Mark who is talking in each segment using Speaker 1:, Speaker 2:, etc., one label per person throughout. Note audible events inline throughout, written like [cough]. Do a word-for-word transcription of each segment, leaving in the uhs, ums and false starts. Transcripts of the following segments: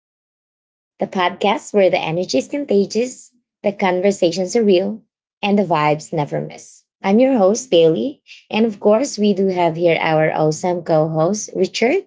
Speaker 1: Vibe Tribe, the podcast where the energy is contagious, the conversations are real, and the vibes never miss. I'm your host, Bailey. And of course, we do have here our awesome co host, Richard.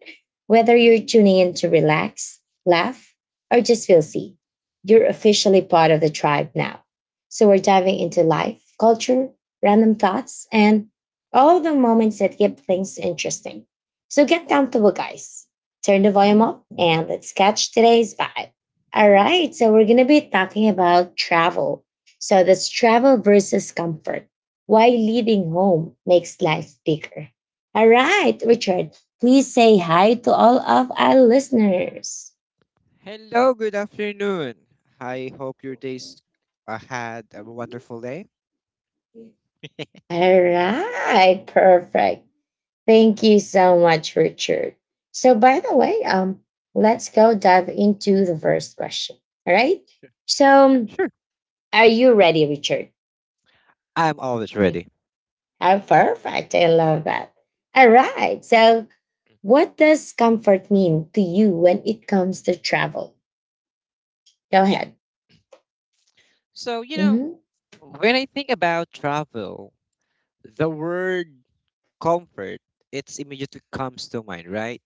Speaker 1: Whether you're tuning in to relax, laugh, or just feel seen, you're officially part of the tribe now. So we're diving into life, culture, random thoughts, and all the moments that keep things interesting. So get comfortable, guys, turn the volume up, and let's catch today's vibe. All right, so we're going to be talking about travel. So that's travel versus comfort. Why leaving home makes life bigger. All right, Richard, please say hi to all of our listeners.
Speaker 2: Hello, good afternoon. I hope your days uh, had a wonderful day.
Speaker 1: All right, perfect. Thank you so much, Richard. So, by the way, um, let's go dive into the first question. All right. So,
Speaker 2: Sure,
Speaker 1: are you ready, Richard?
Speaker 2: I'm always ready.
Speaker 1: Oh, perfect. I love that. All right. So, what does comfort mean to you when it comes to travel? Go
Speaker 2: Yeah.
Speaker 1: ahead.
Speaker 2: So, you know,
Speaker 1: Mm-hmm.
Speaker 2: when I think about travel, the word comfort, it's immediately comes to mind, right?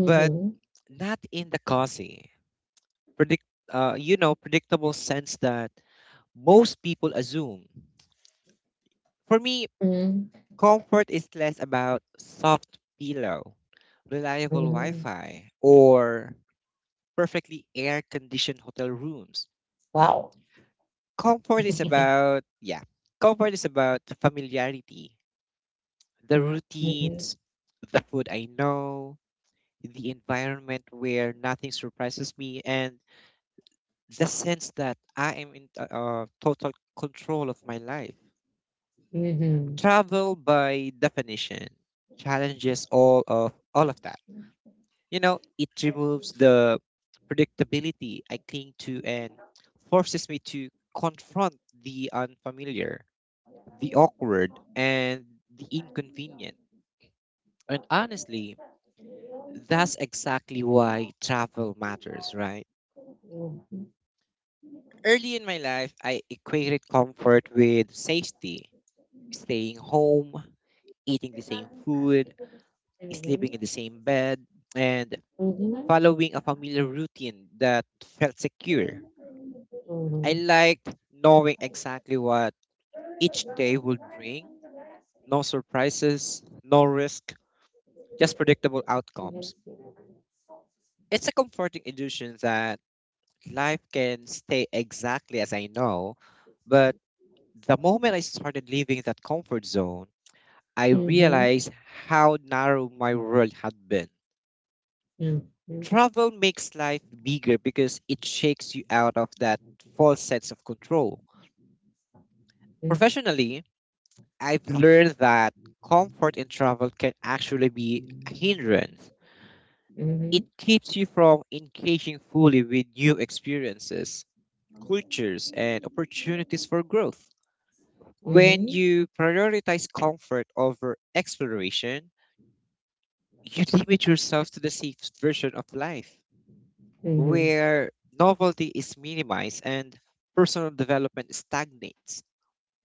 Speaker 2: But not in the cozy, predict, uh, you know, predictable sense that most people assume. For me,
Speaker 1: Mm-hmm.
Speaker 2: comfort is less about soft pillow, reliable
Speaker 1: hmm
Speaker 2: Wi-Fi, or perfectly air-conditioned hotel rooms.
Speaker 1: Wow.
Speaker 2: Comfort is
Speaker 1: [laughs]
Speaker 2: about, yeah, comfort is about familiarity, the
Speaker 1: Mhm,
Speaker 2: routines, the food I know, the environment where nothing surprises me, and the sense that I am in t- uh, total control of my life.
Speaker 1: mhm,
Speaker 2: Travel, by definition, challenges all of all of that. You know, it removes the predictability I cling to and forces me to confront the unfamiliar, the awkward, and the inconvenient. And honestly, that's exactly why travel matters, right? Early in my life, I equated comfort with safety, staying home, eating the same food, sleeping in the same bed, and
Speaker 1: mhm,
Speaker 2: following a familiar routine that felt secure. I liked knowing exactly what each day would bring. No surprises, no risk, just predictable outcomes. It's a comforting illusion that life can stay exactly as I know. But the moment I started leaving that comfort zone, I
Speaker 1: mhm, mhm, mhm, mhm,
Speaker 2: realized how narrow my world had been.
Speaker 1: Mm, mm,
Speaker 2: Travel makes life bigger because it shakes you out of that false sense of control.
Speaker 1: mm.
Speaker 2: Professionally, I've learned that comfort in travel can actually be a hindrance.
Speaker 1: Mhm,
Speaker 2: It keeps you from engaging fully with new experiences, cultures, and opportunities for growth. When you prioritize comfort over exploration, you limit yourself to the safest version of life,
Speaker 1: mhm,
Speaker 2: where novelty is minimized and personal development stagnates.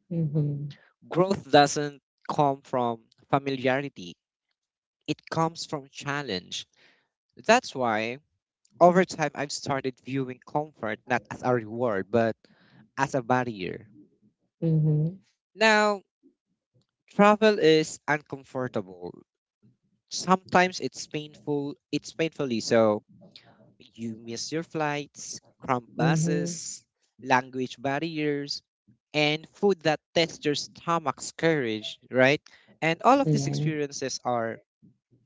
Speaker 1: mhm,
Speaker 2: Growth doesn't come from familiarity, it comes from challenge. That's why, over time, I've started viewing comfort not as a reward, but as a barrier.
Speaker 1: mhm,
Speaker 2: Now, travel is uncomfortable. Sometimes it's painful, it's painfully so. You miss your flights, cramped buses, language barriers, and food that tests your stomach's courage, right? And all of these experiences are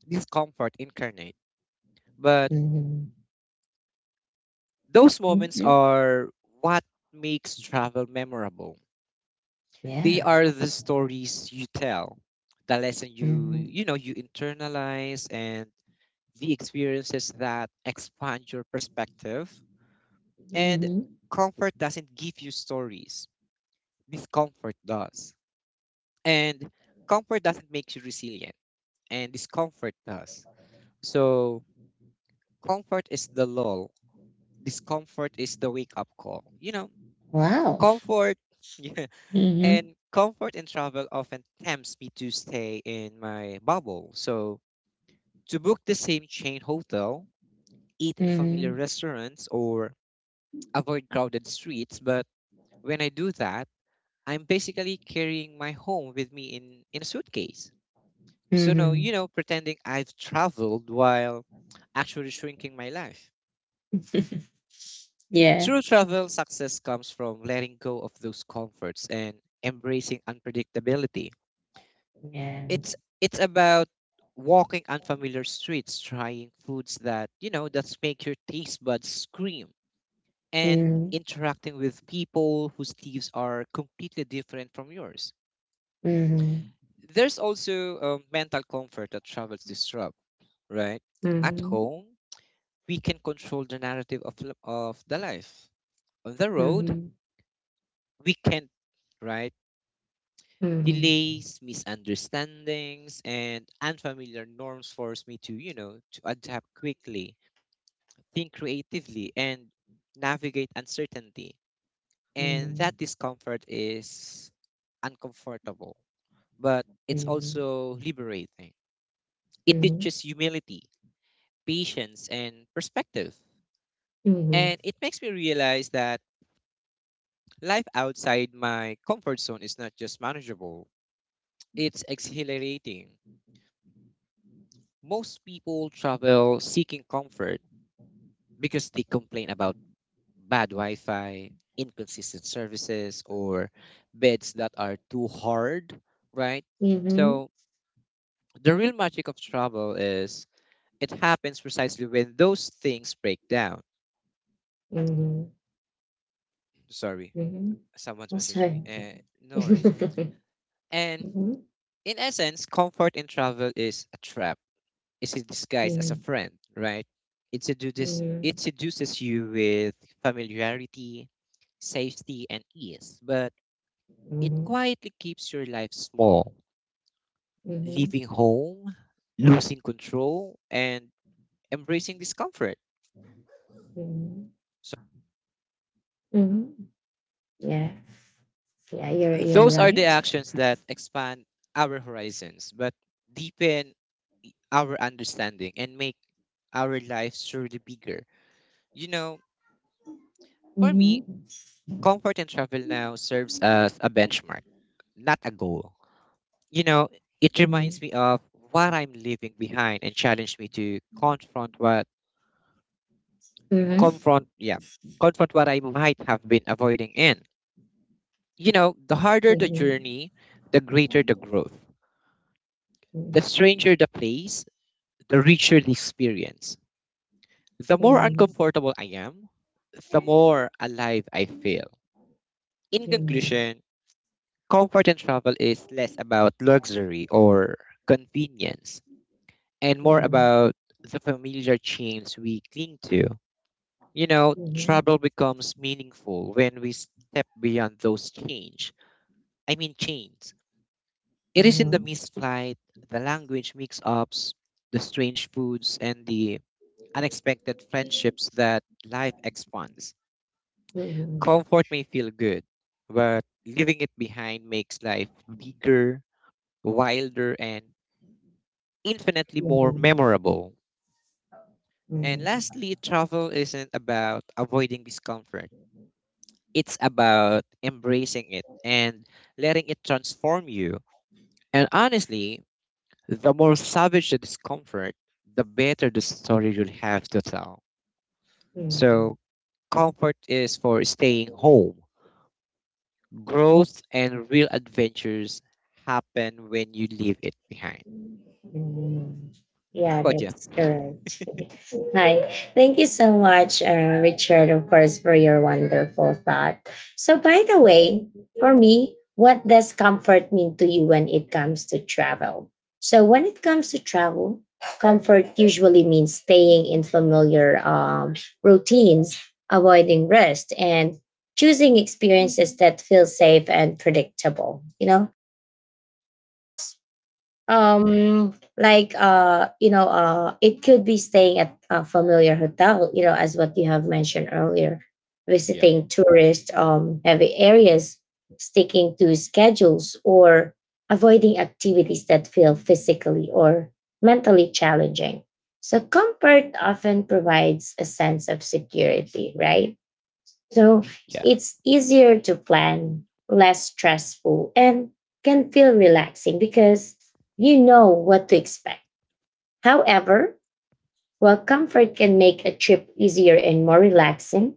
Speaker 2: discomfort incarnate. But
Speaker 1: mhm,
Speaker 2: those moments
Speaker 1: mhm,
Speaker 2: are what makes travel memorable, they
Speaker 1: Yeah.
Speaker 2: are the stories you tell, the lesson you
Speaker 1: Mhm,
Speaker 2: you know you internalize, and the experiences that expand your perspective,
Speaker 1: mhm, Yeah.
Speaker 2: and
Speaker 1: Mhm, mhm.
Speaker 2: comfort doesn't give you stories, discomfort does, and comfort doesn't make you resilient, and discomfort does, so comfort is the lull, discomfort is the wake up call, you know,
Speaker 1: Wow.
Speaker 2: comfort [laughs]
Speaker 1: Mhm,
Speaker 2: And comfort in travel often tempts me to stay in my bubble. So, to book the same chain hotel, eat in familiar
Speaker 1: mhm,
Speaker 2: restaurants, or avoid crowded streets. But when I do that, I'm basically carrying my home with me in, in a suitcase. So, no,
Speaker 1: mhm.
Speaker 2: you know, pretending I've traveled while actually shrinking my life.
Speaker 1: [laughs] Yeah.
Speaker 2: True travel success comes from letting go of those comforts and embracing unpredictability.
Speaker 1: Yeah.
Speaker 2: it's it's about walking unfamiliar streets, trying foods that you know that make your taste buds scream, and
Speaker 1: Mhm,
Speaker 2: interacting with people whose lives are completely different from yours.
Speaker 1: mhm,
Speaker 2: There's also a mental comfort that travels disrupt, right? At
Speaker 1: mhm.
Speaker 2: home, we can control the narrative of, l- of the life. On the road
Speaker 1: Mhm.
Speaker 2: we can't, right?
Speaker 1: Mhm.
Speaker 2: Delays, misunderstandings, and unfamiliar norms force me to, you know, to adapt quickly, think creatively, and navigate uncertainty. And
Speaker 1: Mhm.
Speaker 2: that discomfort is uncomfortable, but it's
Speaker 1: Mhm.
Speaker 2: also liberating. It
Speaker 1: Mhm.
Speaker 2: teaches humility, patience, and perspective.
Speaker 1: Mhm.
Speaker 2: And it makes me realize that life outside my comfort zone is not just manageable, it's exhilarating. Most people travel seeking comfort because they complain about bad Wi Fi, inconsistent services, or beds that are too hard, right?
Speaker 1: Mhm.
Speaker 2: So the real magic of travel is it happens precisely when those things break down.
Speaker 1: Mhm.
Speaker 2: Sorry,
Speaker 1: Mhm.
Speaker 2: someone's
Speaker 1: That's
Speaker 2: messaged me. Eh,
Speaker 1: right.
Speaker 2: no
Speaker 1: [laughs]
Speaker 2: worries. And
Speaker 1: Mhm.
Speaker 2: in essence, comfort in travel is a trap. It's a disguise as a
Speaker 1: Mhm.
Speaker 2: friend, right? It seduces, it
Speaker 1: Mhm.
Speaker 2: seduces you with familiarity, safety, and ease. But it quietly keeps your life small,
Speaker 1: Mhm. Mhm. Mhm.
Speaker 2: leaving home, losing control, and embracing discomfort.
Speaker 1: Mhm.
Speaker 2: So,
Speaker 1: Mhm. Yeah. Yeah, you're you're
Speaker 2: those are the
Speaker 1: right.
Speaker 2: actions that expand our horizons, but deepen our understanding and make our lives surely bigger. You know, for me,
Speaker 1: Mhm.
Speaker 2: comfort and travel now serves as a benchmark, not a goal. You know, it
Speaker 1: Mhm.
Speaker 2: reminds me of what I'm leaving behind and challenged me to confront what
Speaker 1: Mhm.
Speaker 2: confront yeah confront what I might have been avoiding in, you know, the harder the
Speaker 1: Mhm.
Speaker 2: journey, the greater
Speaker 1: Mhm.
Speaker 2: the
Speaker 1: Mhm.
Speaker 2: growth, the stranger the place, the richer the experience, the more
Speaker 1: Mhm.
Speaker 2: uncomfortable I am, the more alive I feel. In
Speaker 1: Mhm.
Speaker 2: conclusion, comfort and travel is less about luxury or convenience and more
Speaker 1: Mhm.
Speaker 2: about the familiar chains we cling to, you know, travel becomes meaningful when we step beyond those chains, I mean chains. It is in the missed flight, the language mix-ups, the strange foods, and the unexpected friendships that life expands.
Speaker 1: Mhm. Mhm.
Speaker 2: Comfort may feel good, but leaving it behind makes life bigger, wilder, and infinitely more
Speaker 1: Hmm.
Speaker 2: memorable. And
Speaker 1: Hmm.
Speaker 2: lastly, travel isn't about avoiding discomfort. It's about embracing it and letting it transform you. And honestly, the more savage the discomfort, the better the story you'll have to tell.
Speaker 1: Hmm.
Speaker 2: So, comfort is for staying home. Growth and real adventures happen when you leave it behind.
Speaker 1: mm.
Speaker 2: How
Speaker 1: Yeah,
Speaker 2: about you?
Speaker 1: that's correct. [laughs] Hi. Thank you so much, uh, Richard, of course, for your wonderful thought. So, by the way, for me, what does comfort mean to you when it comes to travel? So, when it comes to travel, comfort usually means staying in familiar um, routines, avoiding rest, and choosing experiences that feel safe and predictable. You know, course,
Speaker 2: Yeah,
Speaker 1: um, like uh, you know, uh, it could be staying at a familiar hotel, you know, as what you have mentioned earlier,
Speaker 2: yeah,
Speaker 1: visiting tourist um heavy areas, sticking to schedules, or avoiding activities that feel physically or mentally challenging. So comfort often provides a sense of security, right? So
Speaker 2: yeah,
Speaker 1: it's easier to plan, less stressful, and can feel relaxing because you know what to expect. However, while comfort can make a trip easier and more relaxing,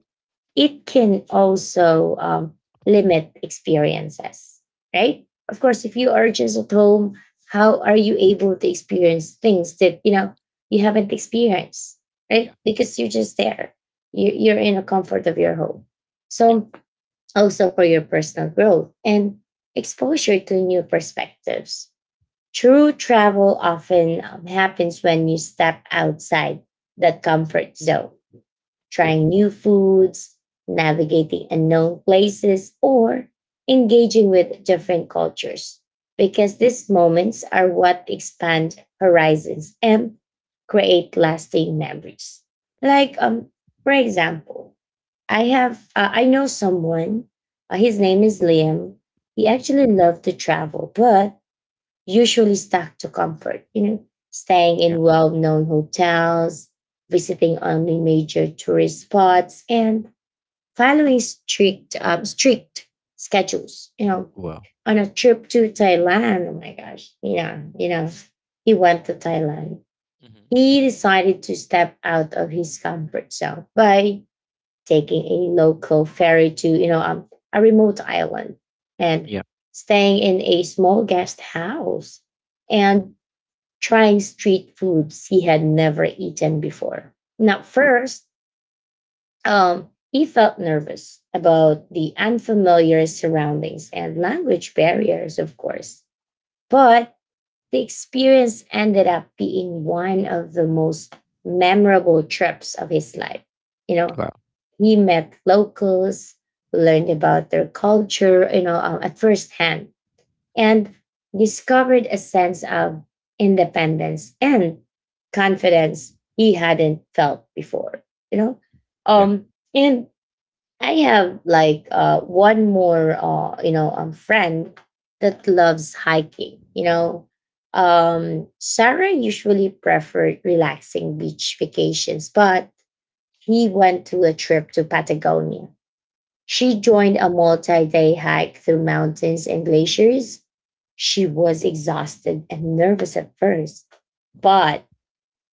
Speaker 1: it can also um, limit experiences, right? Of course, if you are just at home, how are you able to experience things that you know you haven't experienced, right?
Speaker 2: yeah,
Speaker 1: Because you're just there. You- you're in the comfort of your home.
Speaker 2: yeah,
Speaker 1: So also for your personal growth and exposure to new perspectives. True travel often um, happens when you step outside the comfort zone,
Speaker 2: yeah.
Speaker 1: trying new foods, navigating unknown places, or engaging with different cultures, because these moments are what expand horizons and create lasting memories. Like, um, for example, I have, uh, I know someone. Uh, his name is Liam. He
Speaker 2: Mhm.
Speaker 1: actually loved to travel, but usually stuck to comfort, you know, staying
Speaker 2: Yeah.
Speaker 1: in well known hotels, visiting only major tourist spots, and following strict, um, strict schedules, you know.
Speaker 2: Wow.
Speaker 1: On a trip to Thailand, oh my gosh, you know, you know, he went to Thailand.
Speaker 2: Mm-hmm.
Speaker 1: He decided to step out of his comfort zone by taking a local ferry to you know um, a remote island and
Speaker 2: Yeah.
Speaker 1: staying in a small guest house
Speaker 2: Mm-hmm.
Speaker 1: and trying street foods he had never eaten before. Now, first, um, he felt nervous about the unfamiliar surroundings and language barriers, of
Speaker 2: Mm-hmm.
Speaker 1: course. But the experience ended up being one of the most memorable trips of his life. You know,
Speaker 2: Wow.
Speaker 1: we met locals, learned about their culture, you know, um, at first hand,
Speaker 2: Mm-hmm.
Speaker 1: and discovered a sense of independence and confidence he hadn't felt before. You know,
Speaker 2: Yeah.
Speaker 1: um, and I have like uh, one more, uh, you know, um, friend that loves hiking. You know, um, Sarah usually preferred relaxing beach vacations, but he went to a trip to Patagonia. She joined a multi day hike through mountains and glaciers. She was exhausted and nervous at first, but
Speaker 2: Mm-hmm.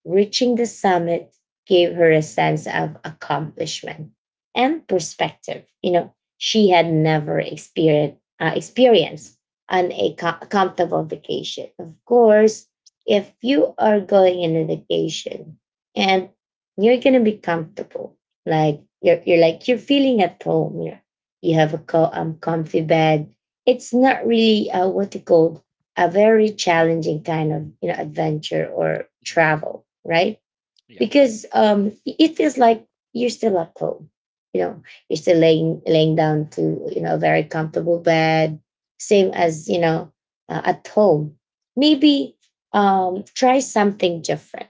Speaker 1: reaching the summit gave her a sense of accomplishment and perspective. You know, she had never experienced uh, experienced on a co- comfortable vacation. Of course, if you are going in a vacation and you're gonna be comfortable, like you're you're like you're feeling at home. You're, you have a co- um, comfy bed. It's not really uh, what you call a very challenging kind of you know adventure or
Speaker 2: Mm-hmm.
Speaker 1: travel, right?
Speaker 2: Yeah.
Speaker 1: Because um it it feels like you're still at home, you know you're still laying laying down to you know a very comfortable bed, same as you know uh, at home. Maybe um try something different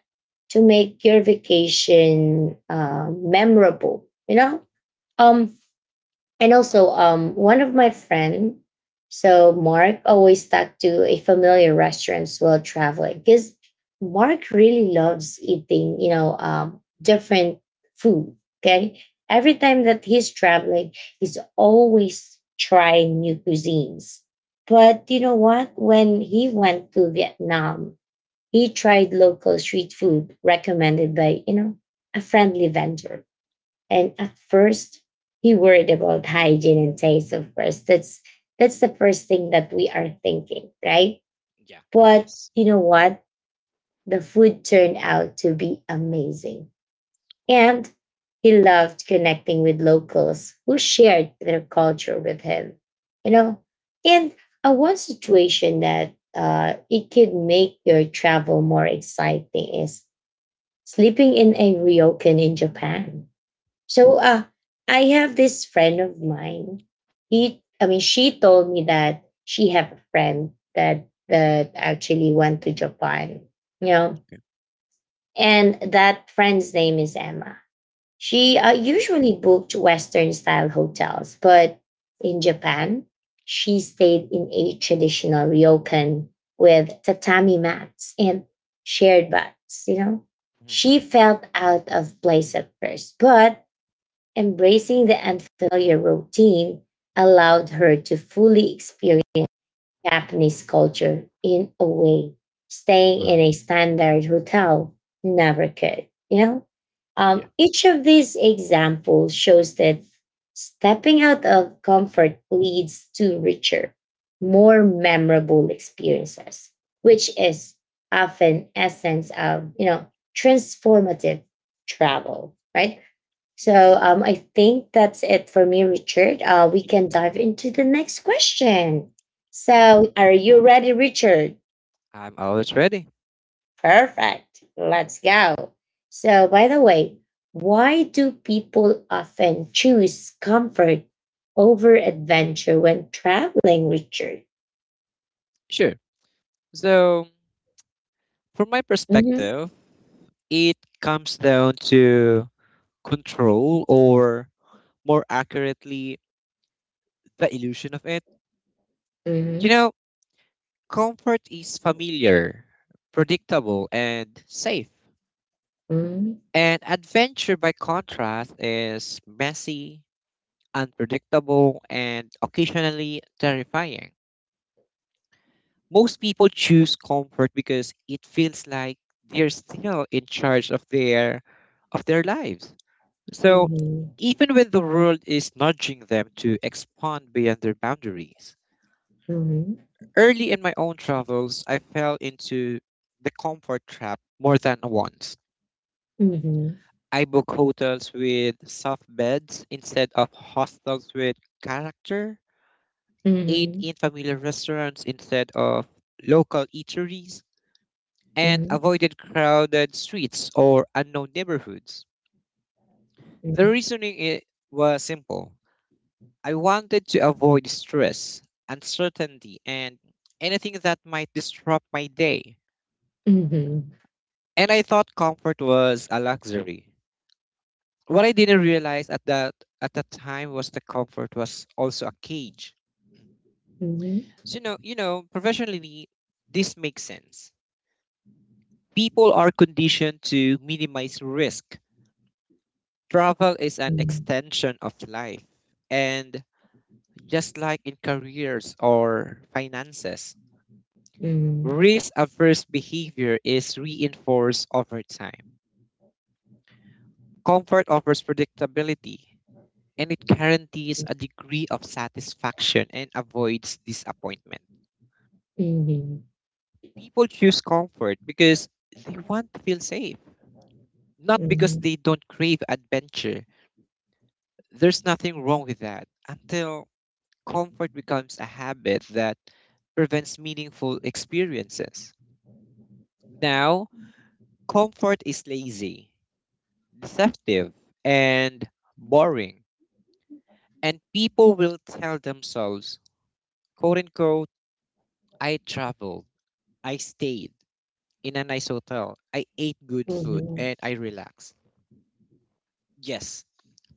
Speaker 1: to make your vacation uh, memorable. you know
Speaker 2: Yeah.
Speaker 1: um and also, um, one of my friend, so Mark always stuck to a familiar restaurants while traveling because Mark really loves eating, you know, um, different food. Okay, every time that he's traveling, he's always trying new cuisines. But you know what? When he went to Vietnam, he tried local street food recommended by you know a friendly vendor, and at first, he worried about hygiene and taste, of course. That's that's the first thing that we are thinking, right?
Speaker 2: Yeah.
Speaker 1: But
Speaker 2: Yes.
Speaker 1: you know what? The food turned out to be amazing.
Speaker 2: Wow.
Speaker 1: And he loved connecting with locals who shared their culture with him. You know, and a one situation that uh, it could make your travel more exciting is sleeping in a ryokan in Japan. So uh I have this friend of mine.
Speaker 2: Mm-hmm.
Speaker 1: He I mean she told me that she have a friend that that actually went to Japan, you know.
Speaker 2: Yeah.
Speaker 1: And that friend's name is Emma. She uh, usually booked western style hotels, but in Japan, she stayed in a traditional ryokan with tatami mats and shared baths, you know.
Speaker 2: Mm-hmm.
Speaker 1: She felt out of place at first, but embracing the unfamiliar routine allowed her to fully experience Japanese culture in a way staying in
Speaker 2: Wow.
Speaker 1: a standard hotel never could. You know, um,
Speaker 2: Yeah.
Speaker 1: each of these examples shows that stepping out of comfort leads to richer, more memorable experiences, which is often essence of you know transformative travel, right? So
Speaker 2: Yes.
Speaker 1: um, I think that's it for me, Richard. Uh, we can dive into the next question.
Speaker 2: Yeah.
Speaker 1: So are you ready, Richard?
Speaker 2: I'm always ready.
Speaker 1: Perfect. Let's go. So, by the way, why do people often choose comfort over adventure when traveling, Richard?
Speaker 2: Sure. So, from my
Speaker 1: Mm-hmm.
Speaker 2: perspective, it comes down to control, or more accurately, the illusion of it. You know, comfort is familiar, predictable, and safe.
Speaker 1: Mm-hmm.
Speaker 2: And adventure, by contrast, is messy, unpredictable, and occasionally terrifying. Most people choose comfort because it feels like they're still in charge of their of their lives. So,
Speaker 1: Mm-hmm.
Speaker 2: even when the world is nudging them to expand beyond their boundaries,
Speaker 1: Mm-hmm.
Speaker 2: early in my own travels, I fell into the comfort trap more than once.
Speaker 1: Mm-hmm.
Speaker 2: I booked hotels with soft beds instead of hostels with character, ate
Speaker 1: Mm-hmm.
Speaker 2: in familiar restaurants instead of local eateries, and
Speaker 1: Mm-hmm.
Speaker 2: avoided crowded streets or unknown neighborhoods. The reasoning i- was simple. I wanted to avoid stress, uncertainty, and anything that might disrupt my day.
Speaker 1: Mm-hmm.
Speaker 2: And I thought comfort was a luxury. What I didn't realize at that at that time was the comfort was also a cage.
Speaker 1: Mm-hmm. Mm-hmm.
Speaker 2: So, you know, you know, professionally, this makes sense. People are conditioned to minimize risk. Travel is an extension of life. And just like in careers or finances,
Speaker 1: Mm-hmm.
Speaker 2: risk averse behavior is reinforced over time. Comfort offers predictability and it guarantees a degree of satisfaction and avoids disappointment.
Speaker 1: Mm-hmm.
Speaker 2: People choose comfort because they want to feel safe, not because
Speaker 1: Mhm,
Speaker 2: they don't crave adventure. There's nothing wrong with that until comfort becomes a habit that prevents meaningful experiences. Now, comfort is lazy, deceptive, and boring. And people will tell themselves, quote unquote, I traveled, I stayed in a nice hotel, I ate good food,
Speaker 1: mhm,
Speaker 2: and I relaxed. Yes,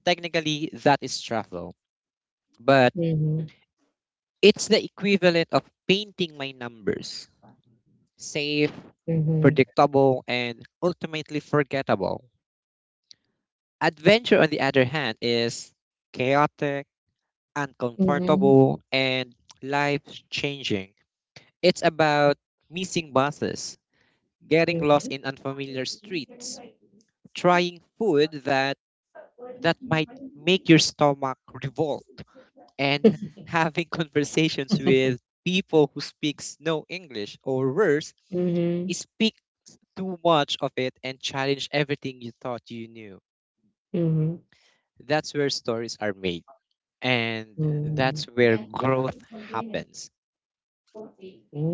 Speaker 2: technically that is travel, but
Speaker 1: mhm, mhm,
Speaker 2: it's the equivalent of painting my numbers, safe,
Speaker 1: mhm,
Speaker 2: predictable, and ultimately forgettable. Adventure, on the other hand, is chaotic,
Speaker 1: mhm.
Speaker 2: uncomfortable, and life changing. It's about missing buses, getting lost in unfamiliar streets, trying food that that might make your stomach revolt, and [laughs] having conversations with people who speaks no English, or worse,
Speaker 1: Mhm,
Speaker 2: speak too much of it and challenge everything you thought you knew.
Speaker 1: mhm,
Speaker 2: That's where stories are made and that's
Speaker 1: mhm.
Speaker 2: where growth happens.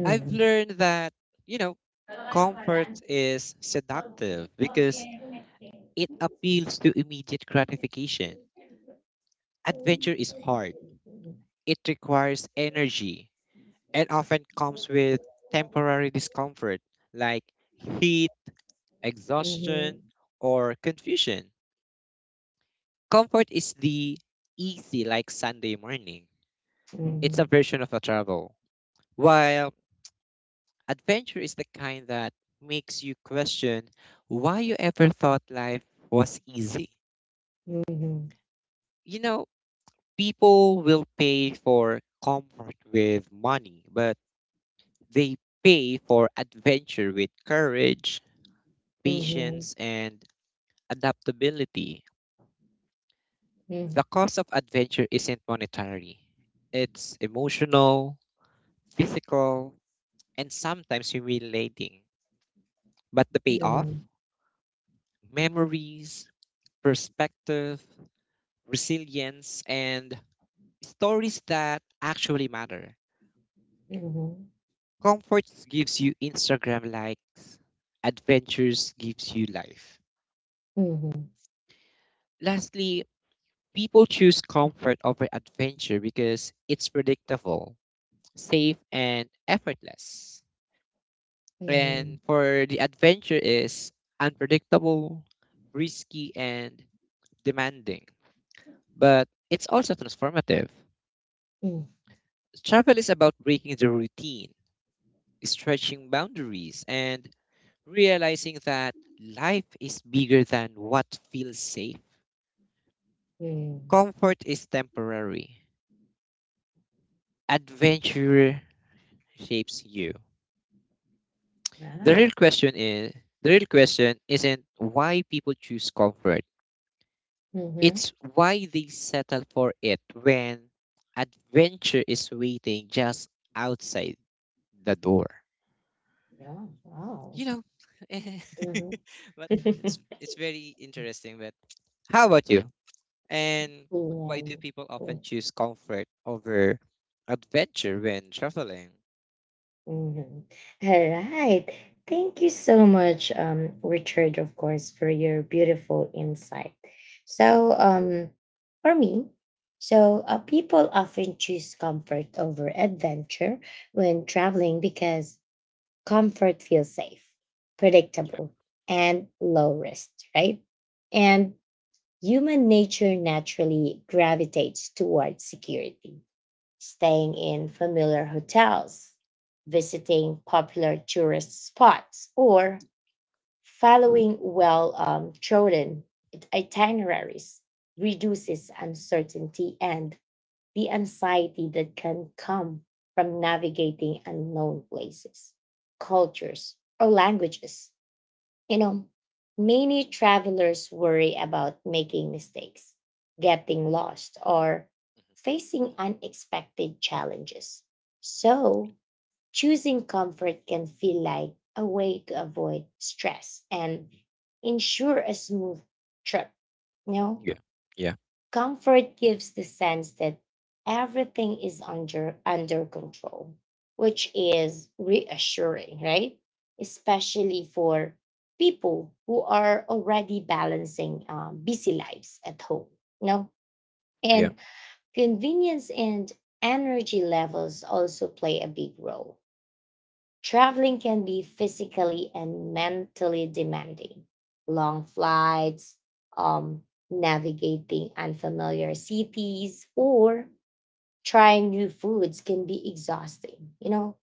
Speaker 2: I've learned that, you know, comfort is seductive because it appeals to immediate gratification. Adventure is hard, it requires energy, and often comes with temporary discomfort like heat,
Speaker 1: Mm. Mhm,
Speaker 2: exhaustion, or confusion. Comfort is the easy, like Sunday morning. It's a
Speaker 1: mhm,
Speaker 2: version of a travel, while adventure is the kind that makes you question why you ever thought life was easy.
Speaker 1: mhm,
Speaker 2: You know, people will pay for comfort with money, but they pay for adventure with courage,
Speaker 1: mhm,
Speaker 2: patience, and adaptability.
Speaker 1: mhm,
Speaker 2: The cost of adventure isn't monetary, it's emotional, physical, and sometimes humiliating. But the payoff?
Speaker 1: mhm,
Speaker 2: Memories, perspective, resilience, and stories that actually matter.
Speaker 1: mhm,
Speaker 2: Comfort gives you Instagram likes, adventures gives you life.
Speaker 1: mhm,
Speaker 2: Lastly, people choose comfort over adventure because it's predictable, safe, and effortless.
Speaker 1: mhm,
Speaker 2: And for the adventure is unpredictable, risky, and demanding, but it's also transformative. Travel is about breaking the routine, stretching boundaries, and realizing that life is bigger than what feels safe. Comfort is temporary. Adventure shapes you. The real question is the real question isn't why people choose comfort.
Speaker 1: mhm, mhm.
Speaker 2: It's why they settle for it when adventure is waiting just outside the door.
Speaker 1: Wow. Mhm. Yeah. Wow.
Speaker 2: You know, [laughs]
Speaker 1: Mhm.
Speaker 2: but it's
Speaker 1: [laughs]
Speaker 2: it's very interesting. But how about you? And why do people
Speaker 1: Yeah.
Speaker 2: often choose comfort over adventure when traveling?
Speaker 1: Mhm. All right. Thank you so much, um, Richard, of course, for your beautiful insight. So, um, for me, so uh, people often choose comfort over adventure when traveling because comfort feels safe,
Speaker 2: Yeah,
Speaker 1: predictable, and low risk, right?
Speaker 2: yeah,
Speaker 1: And human nature naturally gravitates towards security, staying in familiar hotels, visiting popular tourist spots, or following well um, trodden itineraries reduces uncertainty and the anxiety that can come from navigating unknown places, cultures, or languages. You know, Many travelers worry about making mistakes, getting lost, or facing unexpected challenges. So, choosing comfort can feel like a way to avoid stress and ensure a smooth trip, you know?
Speaker 2: yeah, yeah,
Speaker 1: Comfort gives the sense that everything is under under control, which is reassuring, right? Especially for people who are already balancing um, busy lives at home. You
Speaker 2: yeah.
Speaker 1: And convenience and energy levels also play a big role. Traveling can be physically and mentally demanding. Long flights, um, navigating unfamiliar cities, or trying new foods can be exhausting. You know,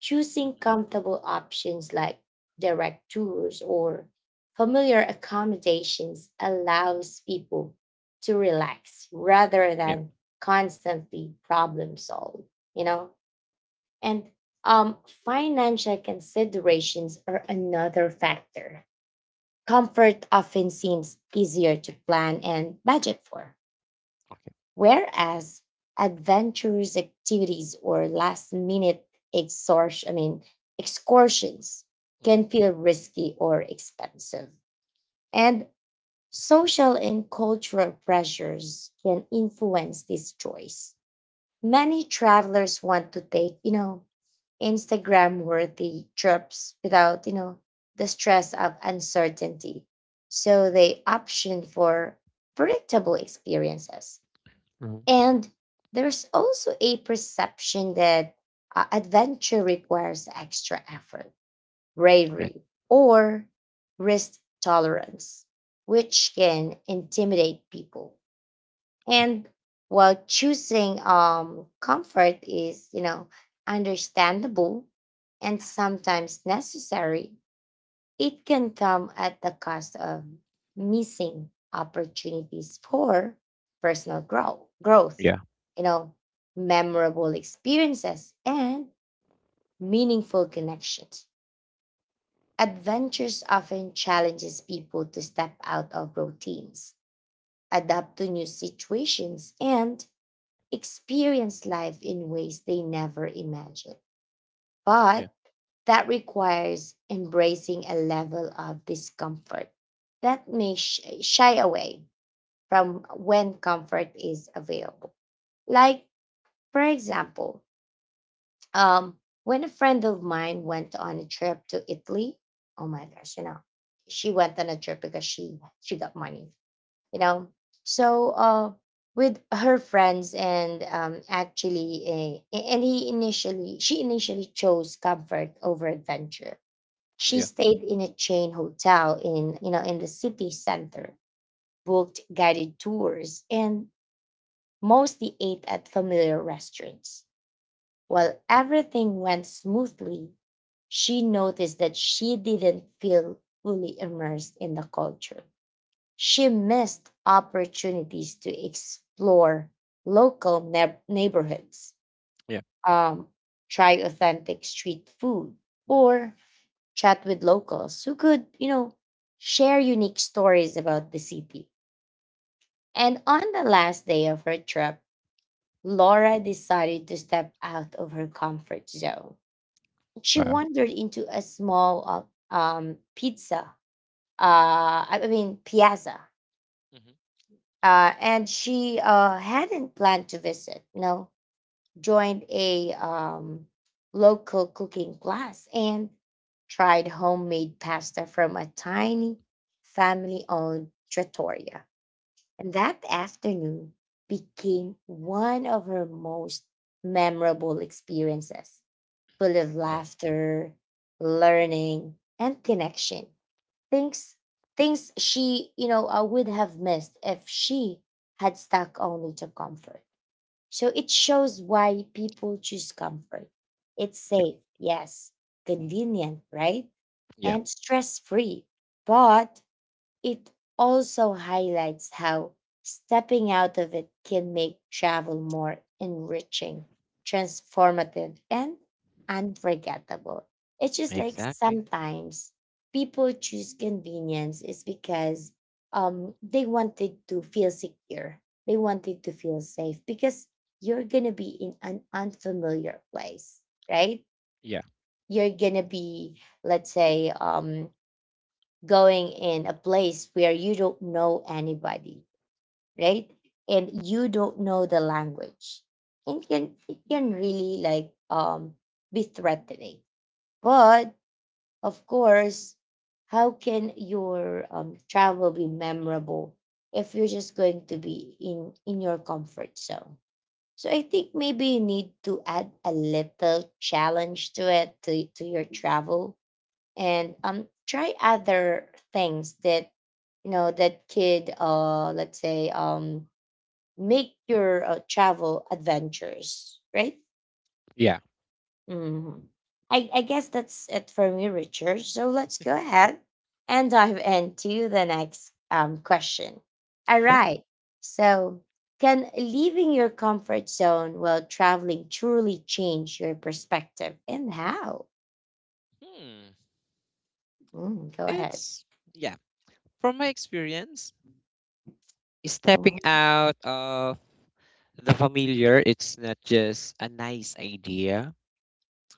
Speaker 1: Choosing
Speaker 2: Mm-hmm.
Speaker 1: comfortable options like direct tours or familiar accommodations allows people to relax rather
Speaker 2: Yeah.
Speaker 1: than constantly problem solve, you know? And um, financial considerations are another factor. Comfort often seems easier to plan and budget for,
Speaker 2: Okay.
Speaker 1: whereas adventurous activities or last minute exhaustion, I mean, excursions
Speaker 2: Mm-hmm.
Speaker 1: can feel risky or expensive. And social and cultural pressures can influence this choice. Many travelers want to take, you know, Instagram worthy trips without, you know, the stress of uncertainty. So they option for predictable experiences.
Speaker 2: Hmm.
Speaker 1: And there's also a perception that uh, adventure requires extra effort,
Speaker 2: Okay.
Speaker 1: bravery, or risk tolerance, which can intimidate people. And while choosing um comfort is, you know, understandable and sometimes necessary, it can come at the cost of missing opportunities for personal grow- growth,
Speaker 2: Yeah.
Speaker 1: you know, memorable experiences and meaningful connections. Adventures often challenges people to step out of routines, adapt to new situations and experience life in ways they never imagined.
Speaker 2: Yeah.
Speaker 1: But that requires embracing a level of discomfort that may sh- shy away from when comfort is available. Like, for example, um, when a friend of mine went on a trip to Italy. Oh my gosh, you know, she went on a trip because she she got money you know so uh with her friends, and um actually eh, and he initially she initially chose comfort over adventure. She
Speaker 2: Yeah.
Speaker 1: stayed in a chain hotel in you know in the city center, booked guided tours, and mostly ate at familiar restaurants.
Speaker 2: Hmm.
Speaker 1: While everything went smoothly, she noticed that she didn't feel fully immersed in the culture. She missed opportunities to explore local neb- neighborhoods,
Speaker 2: Yeah.
Speaker 1: um, try authentic street food, or chat with locals who could, you know, share unique stories about the city. And on the last day of her trip, Laura
Speaker 2: Hmm.
Speaker 1: decided to step out of her comfort zone. She
Speaker 2: Wow.
Speaker 1: wandered into a small uh, um, pizza, uh, I I mean, piazza
Speaker 2: Hmm.
Speaker 1: uh, and she uh, hadn't planned to visit. No, joined a um, local cooking class and tried homemade pasta from a tiny family-owned trattoria. And that afternoon became one of her most memorable experiences, full of
Speaker 2: Well.
Speaker 1: laughter, learning, and connection. Things things she, you know, uh, would have missed if she had stuck only to comfort. So it shows why people choose comfort. It's
Speaker 2: Yeah.
Speaker 1: safe, yes, convenient, right?
Speaker 2: Yeah.
Speaker 1: And stress free. But it also highlights how stepping out of it can make travel more enriching, transformative, and unforgettable. It's just like
Speaker 2: Exactly.
Speaker 1: sometimes people choose convenience is because um they wanted to feel secure. They wanted to feel safe because you're gonna be in an unfamiliar place, right?
Speaker 2: Yeah.
Speaker 1: You're gonna be, let's say, um going in a place where you don't know anybody, right? And you don't know the language. It can it can really, like, um be threatening. But of course, how can your um, travel be memorable if you're just going to be in in your comfort zone? So I think maybe you need to add a little challenge to it, to, to your travel, and um try other things that you know that could uh let's say um make your uh, travel adventures, right?
Speaker 2: Yeah.
Speaker 1: hmm I, I guess that's it for me, Richard, so let's go ahead and dive into the next um question. All
Speaker 2: Sure.
Speaker 1: right. So can leaving your comfort zone while traveling truly change your perspective, and how?
Speaker 2: Hmm.
Speaker 1: Mm, go ahead.
Speaker 2: It's, yeah, from my experience, stepping
Speaker 1: Mhm,
Speaker 2: out of the familiar, it's not just a nice idea,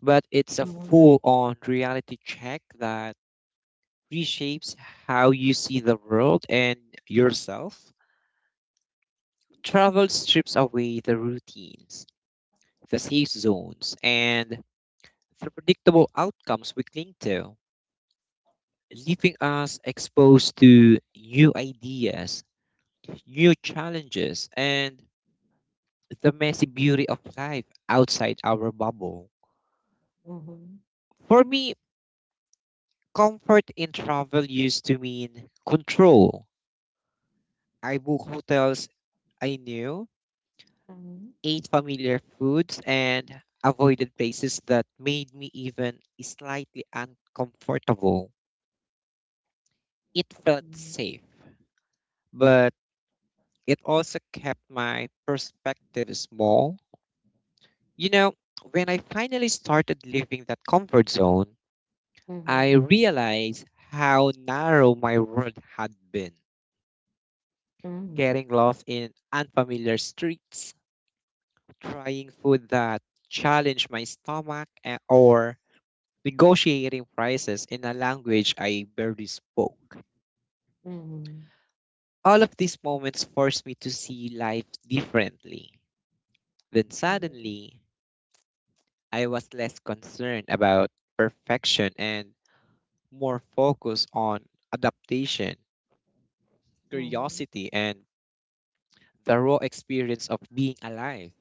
Speaker 2: but it's a
Speaker 1: mhm,
Speaker 2: full on reality check that reshapes how you see the world and yourself. Travel strips away the routines, the safe zones, and the predictable outcomes we cling to, leaving us exposed to new ideas, new challenges, and the messy beauty of life outside our bubble.
Speaker 1: mhm.
Speaker 2: For me, comfort in travel used to mean control. I book hotels I knew,
Speaker 1: Mhm,
Speaker 2: ate familiar foods, and avoided places that made me even slightly uncomfortable. It felt
Speaker 1: mhm,
Speaker 2: safe, but it also kept my perspective small. You know, when I finally started leaving that comfort zone, I
Speaker 1: mhm,
Speaker 2: realized how narrow my world had been,
Speaker 1: mhm,
Speaker 2: getting lost in unfamiliar streets, trying food that challenged my stomach, a- or negotiating prices in a language I barely spoke.
Speaker 1: mhm,
Speaker 2: All of these moments forced me to see life differently. Then
Speaker 1: mhm,
Speaker 2: suddenly, I was less concerned about perfection and more focused on adaptation,
Speaker 1: mhm,
Speaker 2: curiosity, and the raw experience of being alive.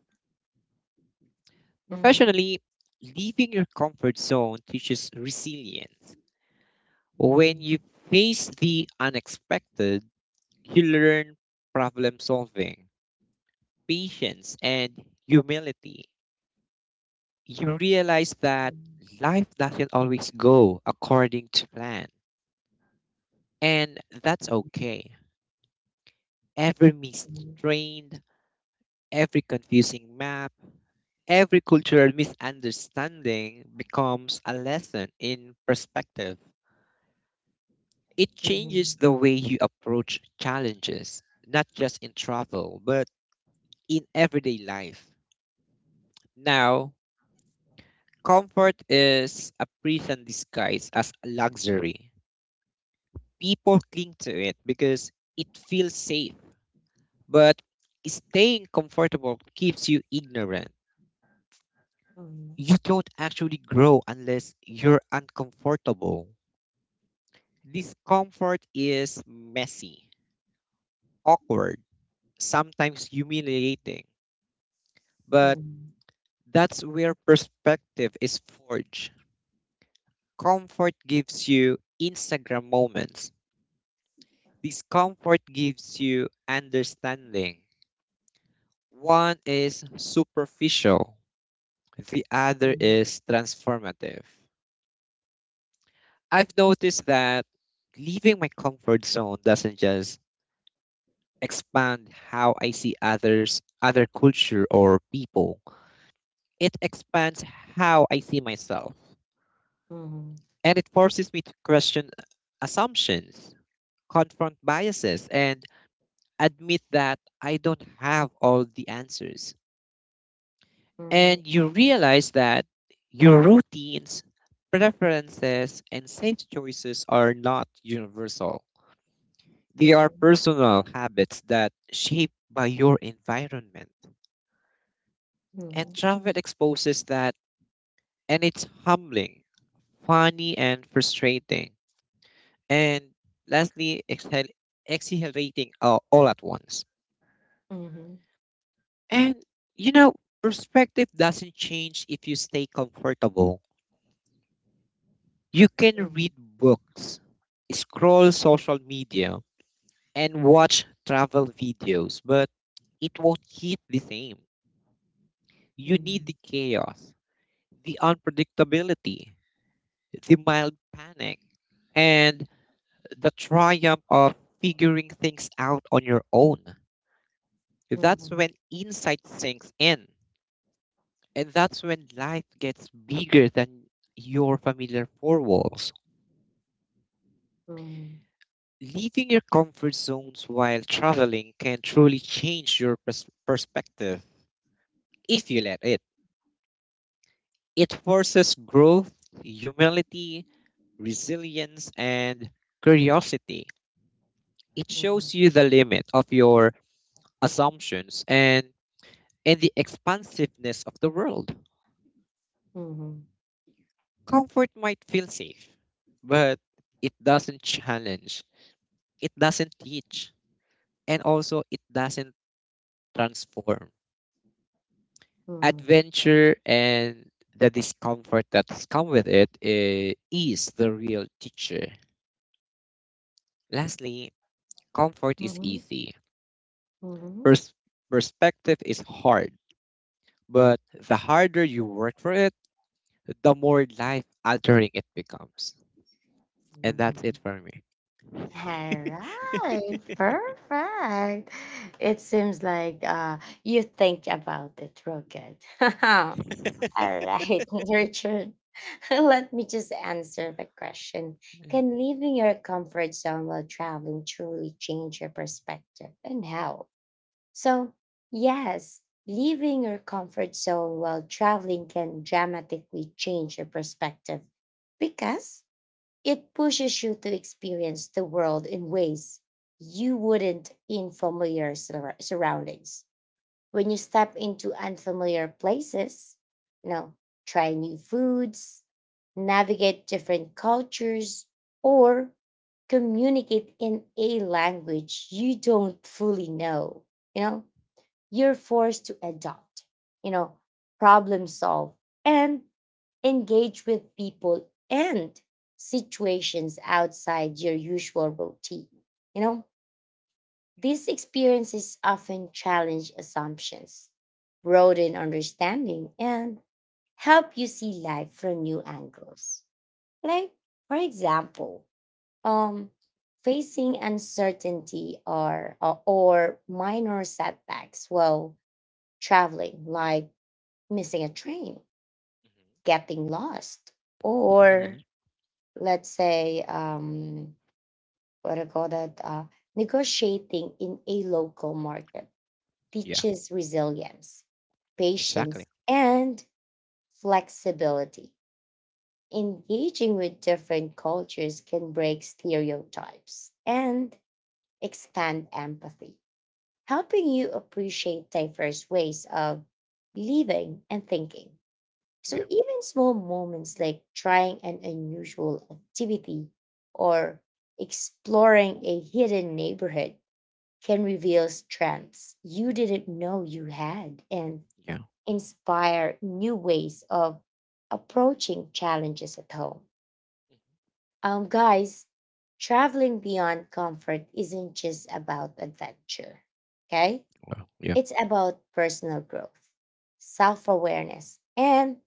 Speaker 1: mhm, mhm,
Speaker 2: Professionally, leaving your comfort zone teaches resilience.
Speaker 1: mhm,
Speaker 2: When you
Speaker 1: mhm,
Speaker 2: face the unexpected, you learn problem solving, patience, and humility. You realize that life doesn't always go according to plan, and that's okay. Every
Speaker 1: mhm, mhm, mhm,
Speaker 2: mistrained, every confusing map, every cultural misunderstanding becomes a lesson in perspective.
Speaker 1: mhm, mhm, mhm, mhm, mhm, mhm, mhm,
Speaker 2: It
Speaker 1: mhm, mhm, mhm, mhm,
Speaker 2: changes
Speaker 1: mhm,
Speaker 2: the way you approach challenges, not just in travel, but in everyday life. Now, comfort is a prison disguised as a luxury. People cling to it because it feels safe, but staying comfortable keeps you ignorant. You don't actually grow unless you're uncomfortable. Discomfort is messy, awkward, sometimes humiliating, but that's where perspective is forged. Comfort gives you Instagram moments, discomfort gives you understanding. One is superficial, the other is transformative. I've noticed that leaving my comfort zone doesn't just expand how I see others, other culture, or people. It expands how I see myself, and it forces me to question assumptions, confront biases, and admit that I don't have all the answers. And you realize that your routines, preferences, and safe choices are not universal. They are personal habits that shape by your environment. And
Speaker 1: mhm,
Speaker 2: travel exposes that, and it's humbling, funny, and frustrating and lastly, exhale, exhalating uh, all at once. And you know, perspective doesn't change if you stay comfortable. You can read books, scroll social media, and watch travel videos, but it won't hit the same. You need the chaos, the unpredictability, the mild panic, and the triumph of figuring things out on your own. That's when insight sinks in, and that's when life gets bigger than your familiar four walls. Leaving your comfort zones while traveling can truly change your pers- perspective if you let it. It forces growth, humility, resilience, and curiosity. It shows you the limit of your assumptions and, and the expansiveness of the world. Comfort might feel safe, but it doesn't challenge, it doesn't teach, and also it doesn't transform. Adventure and the discomfort that's come with it eh, is the real teacher. Lastly, comfort is
Speaker 1: mhm,
Speaker 2: easy.
Speaker 1: mhm,
Speaker 2: Pers- Perspective is hard, but the harder you work for it, the more life altering it becomes.
Speaker 1: mhm,
Speaker 2: And that's it
Speaker 1: mhm.
Speaker 2: for me.
Speaker 1: All right,
Speaker 2: [laughs]
Speaker 1: perfect. It seems like uh, you think about it real good. [laughs] All right, [laughs] Richard, [laughs] let me just answer the question.
Speaker 2: Mhm.
Speaker 1: Can leaving your comfort zone while traveling truly change your perspective and how? So, yes, leaving your comfort zone while traveling can dramatically change your perspective because it pushes you to experience the world in ways you wouldn't in familiar sur- surroundings. When you step into unfamiliar places, you know, try new foods, navigate different cultures, or communicate in a language you don't fully know, you know, you're forced to adopt, you know, problem solve, and engage with people and situations outside your usual routine. You know, these experiences often challenge assumptions, broaden understanding, and help you see life from new angles. Like, for example, um, facing uncertainty or, or or minor setbacks while traveling, like missing a train, getting lost,
Speaker 2: Hmm.
Speaker 1: or let's say, um what do you call that, uh negotiating in a local market,
Speaker 2: Yeah,
Speaker 1: teaches resilience, patience,
Speaker 2: exactly.
Speaker 1: and flexibility. Engaging with different cultures can break stereotypes and expand empathy, helping you appreciate diverse ways of living and thinking.
Speaker 2: Yeah,
Speaker 1: So even small moments like trying an unusual activity or exploring a hidden neighborhood can reveal strengths you didn't know you had and
Speaker 2: yeah,
Speaker 1: inspire new ways of approaching challenges at home. Um guys, traveling beyond comfort isn't just about adventure, okay?
Speaker 2: well, yeah.
Speaker 1: It's about personal growth, self-awareness, and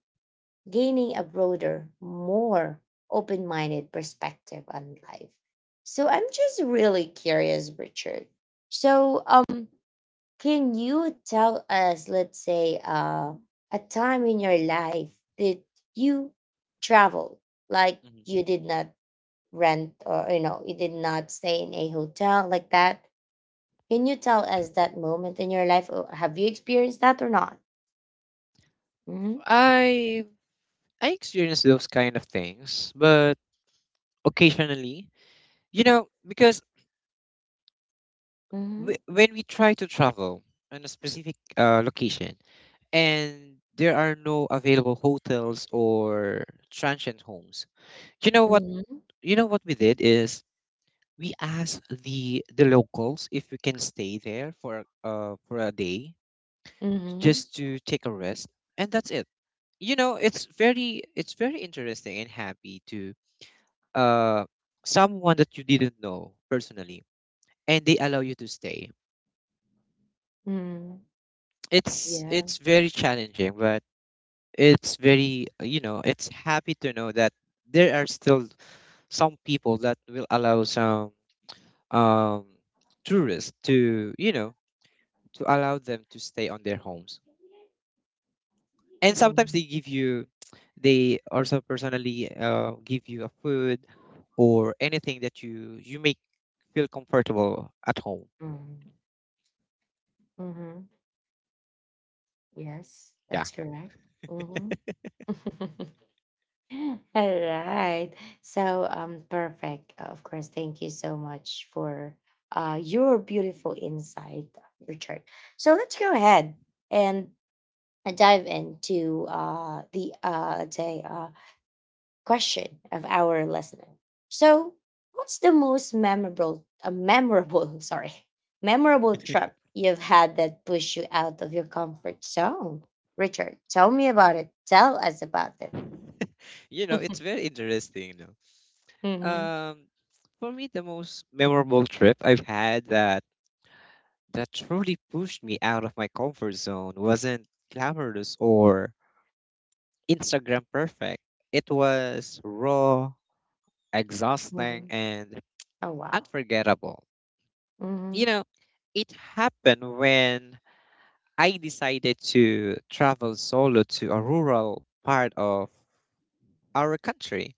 Speaker 1: gaining a broader, more open minded perspective on life. So I'm just really curious, Richard. So, um, can you tell us, let's say, uh, a time in your life that you traveled, like
Speaker 2: Mhm.
Speaker 1: you did not rent, or, you know, you did not stay in a hotel like that? Can you tell us that moment in your life? Or have you experienced that or not? Mm-hmm.
Speaker 2: I I experience those kind of things, but occasionally, you know, because w
Speaker 1: Mm-hmm.
Speaker 2: when we try to travel on a specific uh, location, and there are no available hotels or transient homes. You know what?
Speaker 1: Mm-hmm.
Speaker 2: You know what we did is we asked the the locals if we can stay there for uh for a day
Speaker 1: Mm-hmm.
Speaker 2: just to take a rest, and that's it. You know, it's very it's very interesting and happy to uh someone that you didn't know personally, and they allow you to stay.
Speaker 1: Mm-hmm.
Speaker 2: It's
Speaker 1: Yeah.
Speaker 2: it's very challenging, but it's very uh, you know it's happy to know that there are still some people that will allow some um tourists to you know to allow them to stay on their homes and sometimes they
Speaker 1: Mhm.
Speaker 2: give you they also personally uh, give you a food or anything that you you make feel comfortable at home.
Speaker 1: Mhm. Mhm. Yes,
Speaker 2: Yeah.
Speaker 1: that's correct. Mhm. [laughs] All right. So, um, perfect. Of course, thank you so much for uh your beautiful insight, Richard. So let's go ahead and dive into uh the, uh let's say, uh question of our listener. So, what's the most memorable, uh, memorable, [laughs] sorry, memorable trip you've had that pushed you out of your comfort zone? Richard, tell me about it. Tell us about it.
Speaker 2: [laughs] you know it's
Speaker 1: [laughs]
Speaker 2: very interesting you know.
Speaker 1: Hmm.
Speaker 2: Um, for me, the most memorable trip I've had that that truly pushed me out of my comfort zone wasn't glamorous or Instagram perfect. It was raw, exhausting,
Speaker 1: Hmm.
Speaker 2: and
Speaker 1: Oh wow.
Speaker 2: unforgettable.
Speaker 1: Hmm.
Speaker 2: You know, it happened when I decided to travel solo to a rural part of our country.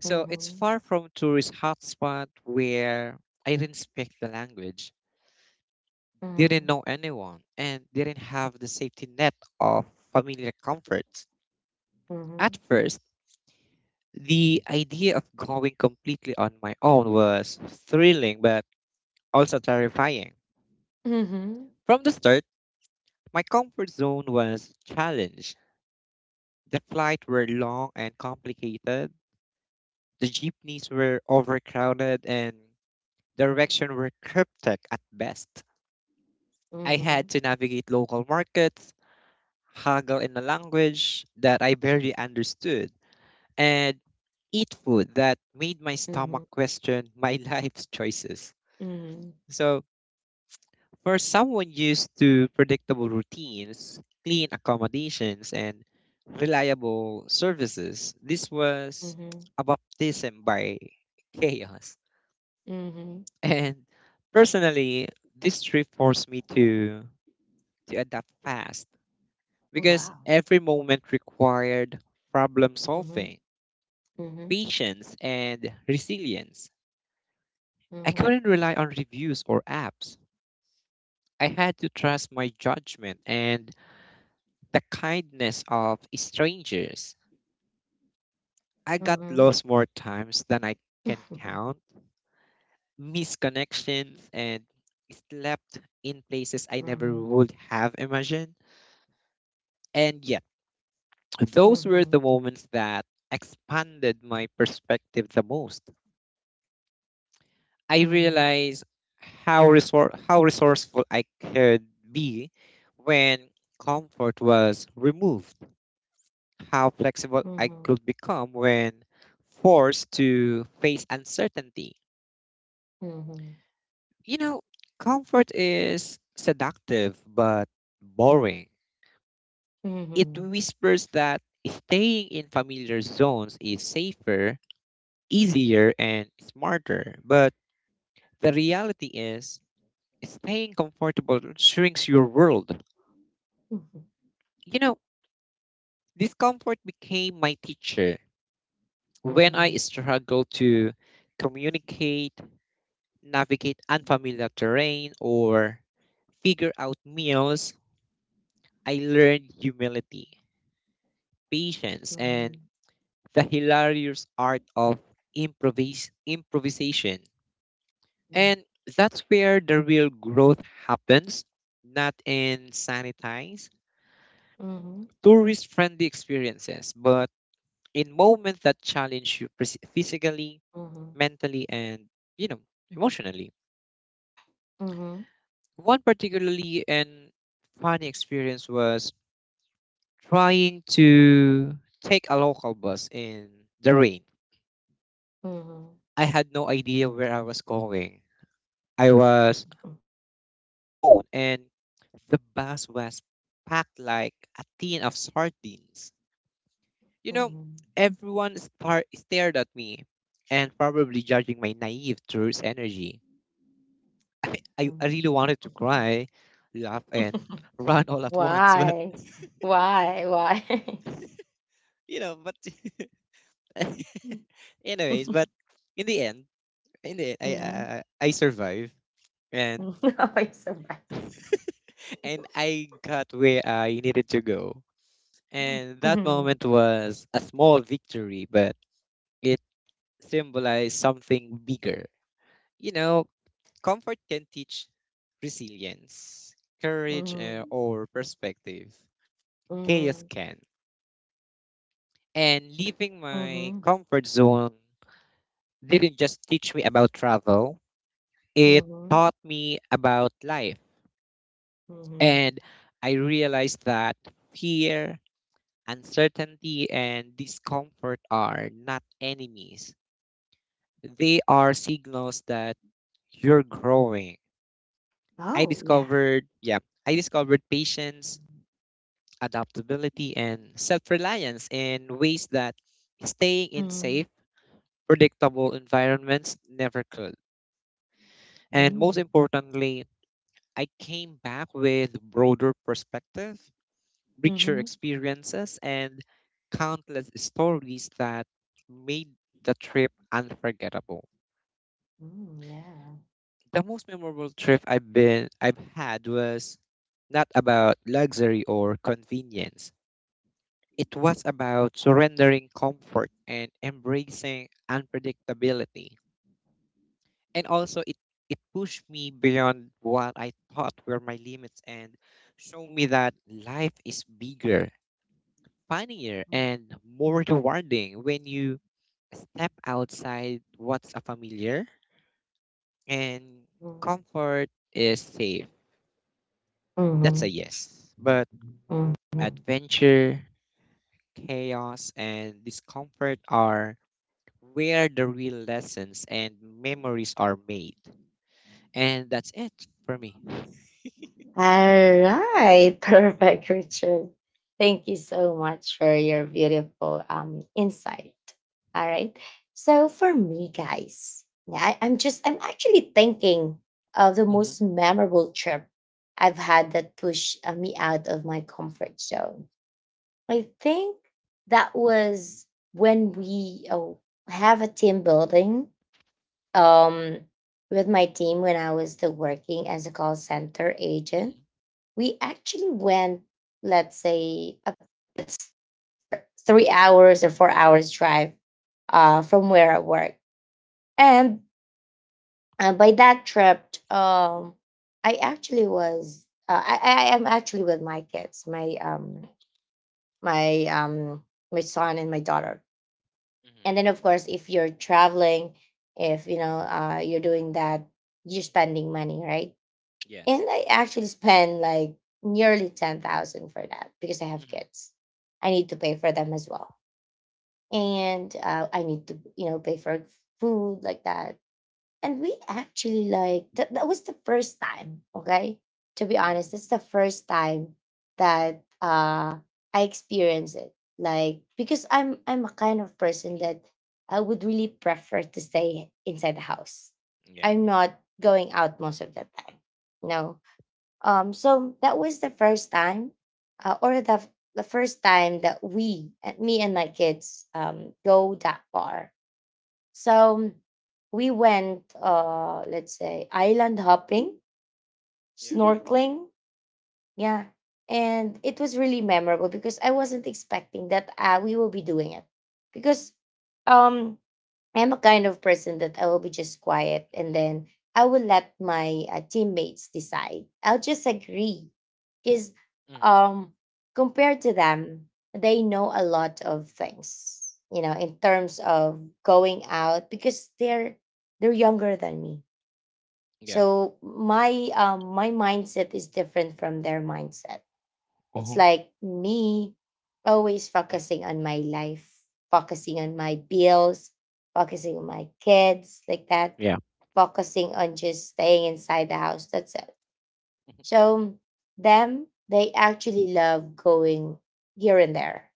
Speaker 2: So it's
Speaker 1: Hmm.
Speaker 2: far from tourist hotspot where I didn't speak the language didn't
Speaker 1: Hmm.
Speaker 2: know anyone, and didn't have the safety net of familiar comforts.
Speaker 1: Hmm.
Speaker 2: At first, the idea of going completely on my own was thrilling but also terrifying.
Speaker 1: Hmm.
Speaker 2: From the start, my comfort zone was challenged. The flights were long and complicated, the jeepneys were overcrowded, and directions were cryptic at best. I
Speaker 1: Hmm.
Speaker 2: had to navigate local markets, haggle in a language that I barely understood and eat food that made my stomach
Speaker 1: Hmm.
Speaker 2: question my [laughs] life's choices.
Speaker 1: Hmm.
Speaker 2: So, for someone used to predictable routines, clean accommodations, and reliable services, this was
Speaker 1: Hmm.
Speaker 2: a baptism by [laughs] chaos.
Speaker 1: Hmm.
Speaker 2: And personally, this trip forced me to, to adapt fast
Speaker 1: Oh
Speaker 2: because
Speaker 1: wow.
Speaker 2: every moment required problem
Speaker 1: Hmm.
Speaker 2: solving,
Speaker 1: Hmm. Hmm.
Speaker 2: patience, and resilience. I couldn't rely on reviews or apps. I had to trust my judgment and the kindness of strangers. I got
Speaker 1: Hmm.
Speaker 2: lost more times than I can count, missed connections, and slept in places I never
Speaker 1: Hmm.
Speaker 2: would have imagined. And yet, those were
Speaker 1: Hmm.
Speaker 2: the
Speaker 1: [laughs]
Speaker 2: moments that expanded my perspective the most. I
Speaker 1: Mhm,
Speaker 2: realized how resor- how resourceful I could be when comfort was removed, how flexible I
Speaker 1: mhm,
Speaker 2: could become when forced to face uncertainty.
Speaker 1: mhm,
Speaker 2: You know, comfort is seductive but boring. It
Speaker 1: mhm,
Speaker 2: whispers that staying in familiar zones is safer, easier, and smarter. But the reality is, staying comfortable shrinks your world.
Speaker 1: mhm, mhm,
Speaker 2: You know, discomfort became my teacher when I struggled to communicate, navigate unfamiliar terrain, or figure out meals. I learned humility, patience, and
Speaker 1: mhm,
Speaker 2: the hilarious art of improvis- improvisation.
Speaker 1: mhm,
Speaker 2: And that's where the real growth happens, not in sanitized,
Speaker 1: mhm,
Speaker 2: tourist friendly experiences, but in moments that challenge you phys- physically
Speaker 1: mhm,
Speaker 2: mentally and you know emotionally. One particularly and funny experience was trying to take a local bus in the rain.
Speaker 1: mhm, mhm,
Speaker 2: I had no idea where I was going. I was soaked to the bone and the bus was packed like a tin of sardines. You know, everyone star- stared at me and probably judging my naive tourist energy. I I
Speaker 1: mhm,
Speaker 2: I really
Speaker 1: mhm.
Speaker 2: wanted to cry, laugh, and [laughs] run all
Speaker 1: [laughs]
Speaker 2: at once, but
Speaker 1: Why? Why? Why?
Speaker 2: you know, but [laughs] anyways, but
Speaker 1: [laughs]
Speaker 2: in the end, in the end,
Speaker 1: Mhm,
Speaker 2: I
Speaker 1: mhm.
Speaker 2: uh, I survived, and
Speaker 1: [laughs] Oh, it's so bad.
Speaker 2: [laughs] and I got where I needed to go, and that
Speaker 1: Mhm,
Speaker 2: moment was a small victory, but it symbolized something bigger. You know, comfort can teach resilience, courage,
Speaker 1: mhm,
Speaker 2: uh, or perspective. Chaos
Speaker 1: mhm,
Speaker 2: can. And leaving my
Speaker 1: mhm,
Speaker 2: comfort zone didn't just teach me about travel, it
Speaker 1: mhm,
Speaker 2: taught me about life.
Speaker 1: mhm.
Speaker 2: And I realized that fear, uncertainty, and discomfort are not enemies, they are signals that you're growing. I
Speaker 1: Oh, yeah.
Speaker 2: discovered, yeah, I discovered patience, adaptability, and self reliance in ways that staying in
Speaker 1: Mm-hmm.
Speaker 2: safe, predictable environments never could. And most
Speaker 1: Mm-hmm.
Speaker 2: importantly, I came back with broader perspective, richer experiences, and countless stories that made the trip unforgettable.
Speaker 1: Mm-hmm.
Speaker 2: The most memorable trip I've been I've had was not about luxury or convenience. It was about surrendering comfort and embracing unpredictability. And also it it pushed me beyond what I thought were my limits and showed me that life is bigger, funnier, and more rewarding when you step outside what's a familiar and
Speaker 1: Yeah.
Speaker 2: comfort is safe. That's a
Speaker 1: Mhm,
Speaker 2: yes. But
Speaker 1: mhm.
Speaker 2: adventure, chaos, and discomfort are where the real lessons and memories are made. And that's it for me.
Speaker 1: All right, [laughs] perfect, Richard. Thank you so much for your beautiful um insight. All right. So for me, guys, yeah, I, I'm just I'm actually thinking of the
Speaker 2: Hmm.
Speaker 1: most memorable trip I've had that pushed uh, me out of my comfort zone. I think that was when we, oh, have a team building, um, with my team when I was still working as a call center agent.
Speaker 2: Hmm.
Speaker 1: We actually went, let's say, a it's three hours or four hours drive uh, from where I work. And uh, by that trip, um, I actually was, uh, I, I I am actually with my kids, my, um, my, um, my son and my daughter. And then, of course, if you're traveling, if, you know, uh, you're doing that, you're spending money, right? And
Speaker 2: Yes.
Speaker 1: I actually spend like nearly ten thousand for that because I have
Speaker 2: Hmm.
Speaker 1: kids. I need to pay for them as well. And uh, I need to, you know, pay for food like that. And we actually like that, that was the first time, okay? To be
Speaker 2: Hmm.
Speaker 1: honest, it's the first time that uh I experienced it. Like because I'm I'm a kind of person that I would really prefer to stay inside the house.
Speaker 2: Yeah.
Speaker 1: I'm not going out most of the time. No um, so that was the first time, uh, or the the first time that we, uh, me and my kids, um, go that far. So we went, uh, let's say, island hopping,
Speaker 2: Yeah.
Speaker 1: snorkeling, yeah, and it was really memorable because I wasn't expecting that uh, we will be doing it because. Um, I'm a kind of person that I will be just quiet and then I will let my uh, teammates decide. I'll just agree because
Speaker 2: Hmm.
Speaker 1: um, compared to them, they know a lot of things, you know, in terms of going out because they're they're younger than me.
Speaker 2: Yeah.
Speaker 1: So my um, my mindset is different from their mindset. It's
Speaker 2: Hmm.
Speaker 1: like me always focusing on my life, focusing on my bills, focusing on my kids, like that,
Speaker 2: Yeah.
Speaker 1: focusing on just staying inside the house. That's it.
Speaker 2: Hmm.
Speaker 1: So them, they actually love going here and there.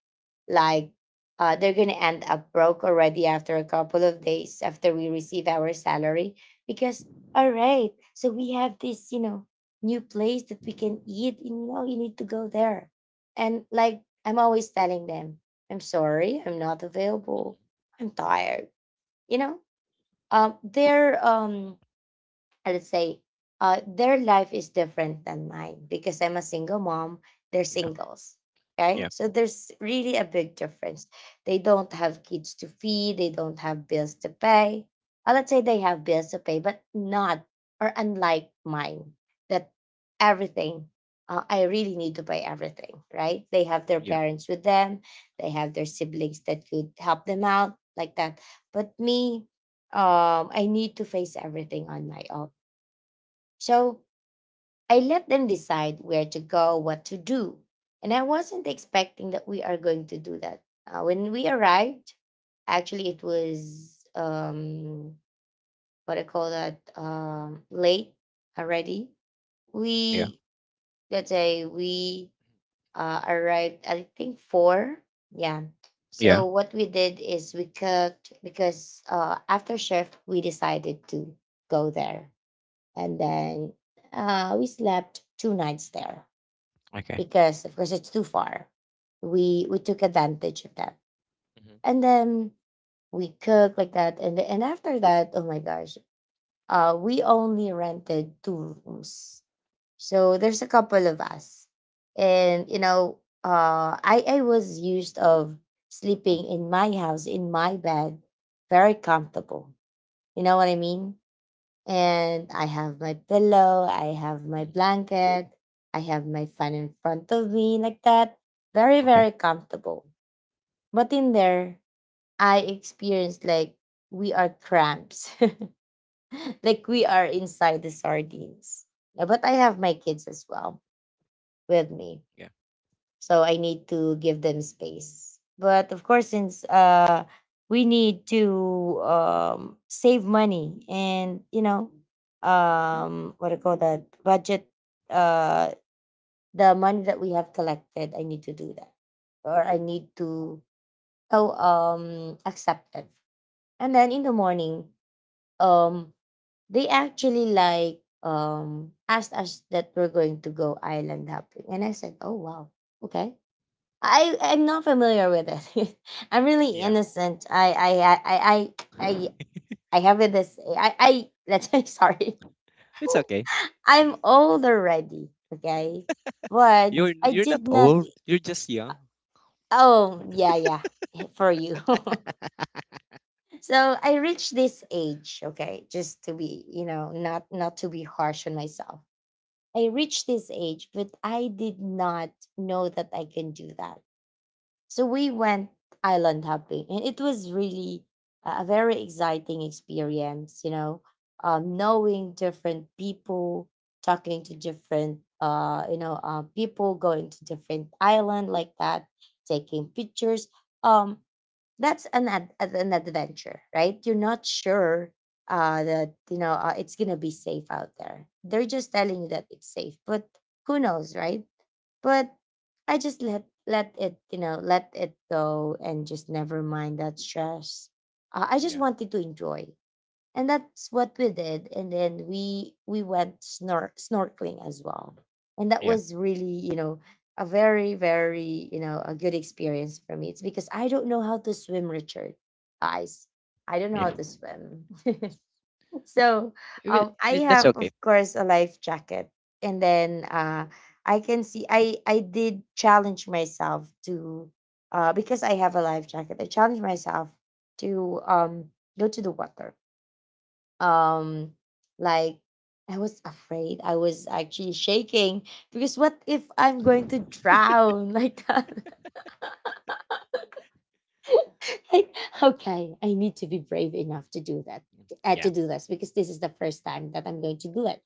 Speaker 1: Like, uh, they're gonna end up broke already after a couple of days after we receive our salary because, all right, so we have this, you know, new place that we can eat, and you know you need to go there. And like I'm always telling them, I'm sorry, I'm not
Speaker 2: Hmm.
Speaker 1: available. I'm tired. You know? Um they're um uh, let's say uh, their life is different than mine because I'm a single mom. They're
Speaker 2: Yeah.
Speaker 1: singles. Okay.
Speaker 2: Yeah.
Speaker 1: So there's really a big difference. They don't have kids to feed. They don't have bills to pay. Uh, let's say they have bills to pay, but not, or unlike mine, that everything, uh, I really need to pay everything, right? They have their
Speaker 2: Yeah.
Speaker 1: parents with them. They have their siblings that could help them out like that. But me, um, I need to face everything on my own, so I let them decide where to go, what to do. And I wasn't expecting that we are going to do that. Uh, when we arrived, actually, it was, um, what I call that, um, late already.
Speaker 2: Yeah.
Speaker 1: We, let's say, we uh, arrived, I think, four. Yeah.
Speaker 2: Yeah.
Speaker 1: So what we did is we cooked because, uh, after shift, we decided to go there, and then uh, we slept two nights there
Speaker 2: Okay.
Speaker 1: because of course it's too far. We we took advantage of that,
Speaker 2: Hmm.
Speaker 1: and then we cooked like that. And and after that, oh my gosh, uh we only rented two rooms, so there's a couple of us, and you know uh i i was used of sleeping in my house, in my bed, very comfortable, you know what I mean, and I have my pillow, I have my
Speaker 2: Hmm.
Speaker 1: blanket, I have my fan in front of me like that. Very,
Speaker 2: Okay.
Speaker 1: very comfortable. But in there, I experienced like we are cramps, [laughs] like we are inside the sardines. Yeah, but I have my kids as well with me,
Speaker 2: Yeah.
Speaker 1: so I need to give them space. But of course, since uh we need to um save money and you know um what do you call that, budget, uh the money that we have collected, I need to do that, or I need to, oh um accept it. And then in the morning, um they actually like um asked us that we're going to go island hopping, and I said, oh, wow, okay. I I'm not familiar with it. [laughs] I'm really
Speaker 2: Yeah.
Speaker 1: innocent. I I I I I I I have this. I I let's [laughs] sorry.
Speaker 2: It's okay.
Speaker 1: [laughs] I'm old already. Okay, but
Speaker 2: You're
Speaker 1: I
Speaker 2: you're not
Speaker 1: did not.
Speaker 2: old. You're just young.
Speaker 1: Oh, yeah yeah [laughs] for you. [laughs] So I reached this age. Okay, just to be, you know, not not to be harsh on myself. I reached this age, but I did not know that I can do that. So we went island hopping, and it was really a a very exciting experience. You know, um, knowing different people, talking to different, uh, you know, uh, people, going to different island like that, taking pictures. Um, that's an ad- ad- an adventure, right? You're not sure uh, that you know uh, it's gonna be safe out there. They're just telling you that it's safe, but who knows, right? But I just let let it, you know, let it go and just never mind that stress. Uh, I just
Speaker 2: Yeah.
Speaker 1: wanted to enjoy, and that's what we did. And then we we went snor- snorkeling as well, and that
Speaker 2: Yeah.
Speaker 1: was really, you know, a very very you know, a good experience for me. It's because I don't know how to swim, Richard. Guys, I don't know
Speaker 2: Yeah.
Speaker 1: how to swim. [laughs] So
Speaker 2: Well,
Speaker 1: um
Speaker 2: i-
Speaker 1: I
Speaker 2: that's
Speaker 1: have,
Speaker 2: okay.
Speaker 1: of course, a life jacket, and then uh i can see i i did challenge myself to, uh because I have a life jacket, I challenged myself to, um go to the water. um like I was afraid. I was actually shaking because what if I'm going to drown? [laughs] Like that. [laughs] Like, okay, I need to be brave enough to do that, uh,
Speaker 2: Yeah.
Speaker 1: to do this, because this is the first time that I'm going to do it.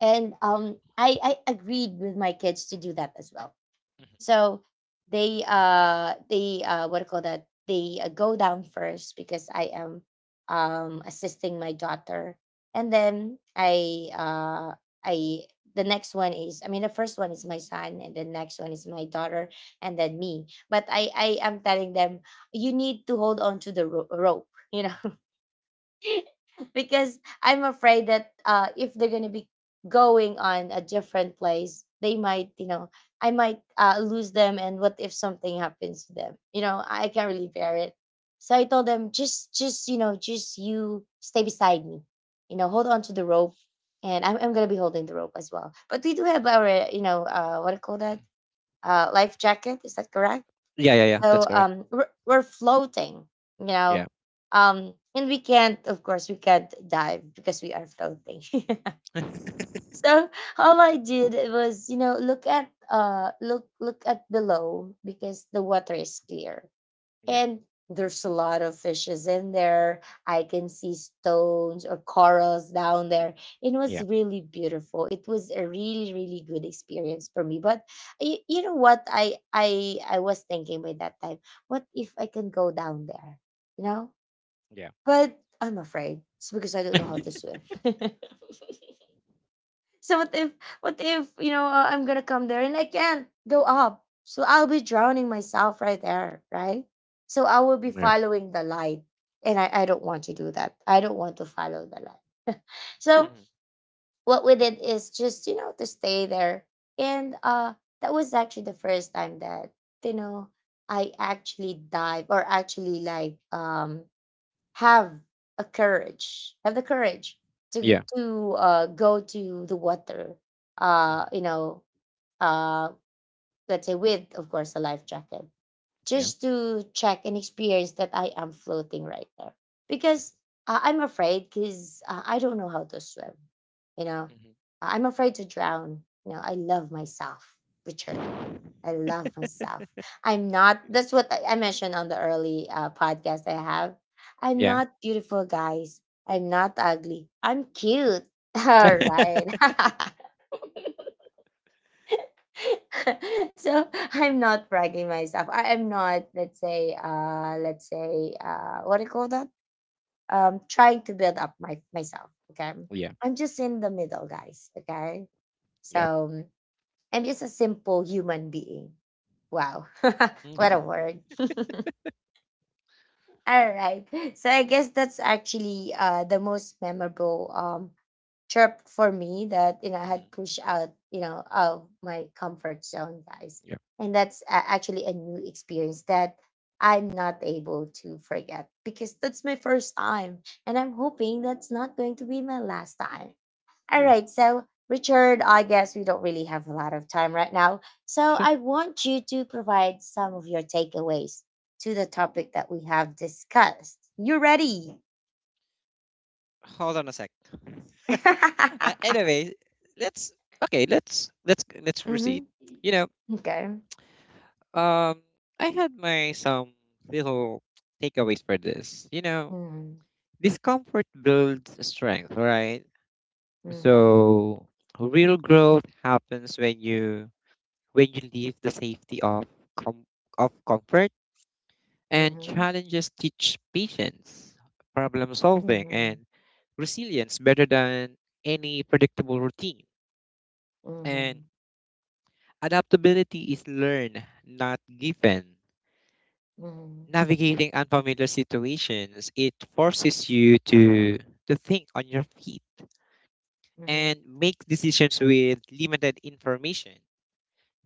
Speaker 1: And um i i agreed with my kids to do that as well.
Speaker 2: Mhm.
Speaker 1: So they uh they, uh what do you call that, they, uh, go down first because I am um assisting my daughter. And then I uh I the next one is, I mean, the first one is my son, and the next one is my daughter, and then me. But I I am telling them, you need to hold on to the ro- rope, you know. [laughs] Because I'm afraid that, uh, if they're gonna be going on a different place, they might, you know, I might, uh, lose them, and what if something happens to them? You know, I can't really bear it. So I told them, just, just, you know, just you stay beside me, you know, hold on to the rope, and I'm, I'm gonna be holding the rope as well. But we do have our, you know, uh, what do you call that? Uh, life jacket. Is that correct?
Speaker 2: Yeah. Yeah. Yeah.
Speaker 1: So
Speaker 2: That's correct.
Speaker 1: um we're, we're floating, you know.
Speaker 2: Yeah.
Speaker 1: Um and we can't, of course, we can't dive because we are floating.
Speaker 2: [laughs]
Speaker 1: [laughs] So all I did was, you know, look at, uh look look at below, because the water is clear,
Speaker 2: Yeah.
Speaker 1: and there's a lot of fishes in there. I can see stones or corals down there. It was
Speaker 2: Yeah.
Speaker 1: really beautiful. It was a really really good experience for me. But you, you know what, I I I was thinking by that time, what if I can go down there? You know?
Speaker 2: Yeah.
Speaker 1: But I'm afraid. It's because I don't know how to
Speaker 2: [laughs]
Speaker 1: swim. [laughs] So what if, what if, you know, uh, I'm gonna come there and I can't go up? So I'll be drowning myself right there, right? So I will be
Speaker 2: Yeah.
Speaker 1: following the light, and I I don't want to do that. I don't want to follow the light. [laughs] So
Speaker 2: Hmm.
Speaker 1: what we did is just, you know, to stay there. And uh that was actually the first time that, you know, I actually dive, or actually like, um have a courage, have the courage to
Speaker 2: Yeah.
Speaker 1: to uh, go to the water. Uh,
Speaker 2: Hmm.
Speaker 1: you know, uh, let's say, with, of course, a life jacket,
Speaker 2: Yeah.
Speaker 1: just to check and experience that I am floating right there. Because, uh, I'm afraid, because, uh, I don't know how to swim. You know,
Speaker 2: Hmm.
Speaker 1: I'm afraid to drown. You know, I love myself, Richard.
Speaker 2: Yeah. [laughs]
Speaker 1: I love myself. I'm not, that's what I I mentioned on the early, uh, podcast I have. I'm
Speaker 2: Yeah.
Speaker 1: not beautiful, guys. I'm not ugly. I'm cute. [laughs] All right.
Speaker 2: [laughs]
Speaker 1: [laughs] So I'm not bragging myself. I am not, let's say, uh, let's say, uh, what do you call that? Um, trying to build up my myself. Okay.
Speaker 2: Yeah.
Speaker 1: I'm just in the middle, guys. Okay.
Speaker 2: Yeah.
Speaker 1: So I'm just a simple human being. Wow. [laughs] What a
Speaker 2: Mm-hmm.
Speaker 1: word. [laughs] All right. So I guess that's actually uh the most memorable um trip for me, that, you know, I had pushed out, you know, of my comfort zone, guys.
Speaker 2: Yeah,
Speaker 1: And that's, uh, actually a new experience that I'm not able to forget, because that's my first time, and I'm hoping that's not going to be my last time. All
Speaker 2: yeah,
Speaker 1: right. So, Richard, I guess we don't really have a lot of time right now. So,
Speaker 2: sure.
Speaker 1: I want you to provide some of your takeaways to the topic that we have discussed. You ready?
Speaker 2: Hold on a sec.
Speaker 1: [laughs]
Speaker 2: Uh, anyway, let's okay. Let's let's let's proceed.
Speaker 1: Hmm.
Speaker 2: You know,
Speaker 1: Okay.
Speaker 2: um, I had my some little takeaways for this. You know,
Speaker 1: Mm-hmm.
Speaker 2: discomfort builds strength, right?
Speaker 1: Mm-hmm.
Speaker 2: So real growth happens when you when you leave the safety of com- of comfort. And challenges teach patience, problem
Speaker 1: Mm-hmm.
Speaker 2: solving,
Speaker 1: Mm-hmm.
Speaker 2: and resilience better than any predictable routine. And adaptability is learned, not given. Navigating unfamiliar situations, it forces you to, to think on your feet
Speaker 1: Mm-hmm. Mm-hmm.
Speaker 2: and make decisions with limited information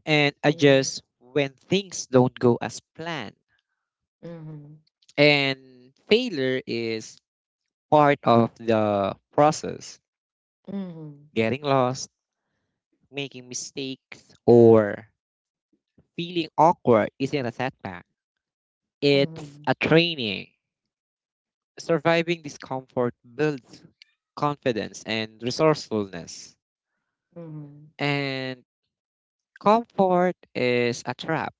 Speaker 2: and
Speaker 1: Mm-hmm.
Speaker 2: adjust when things don't go as planned.
Speaker 1: Mm-hmm. Mm-hmm. Mm-hmm.
Speaker 2: And failure is part of the process. Getting lost, making mistakes, or feeling awkward isn't a setback. It's a training. Surviving discomfort builds confidence and resourcefulness. And comfort is a trap.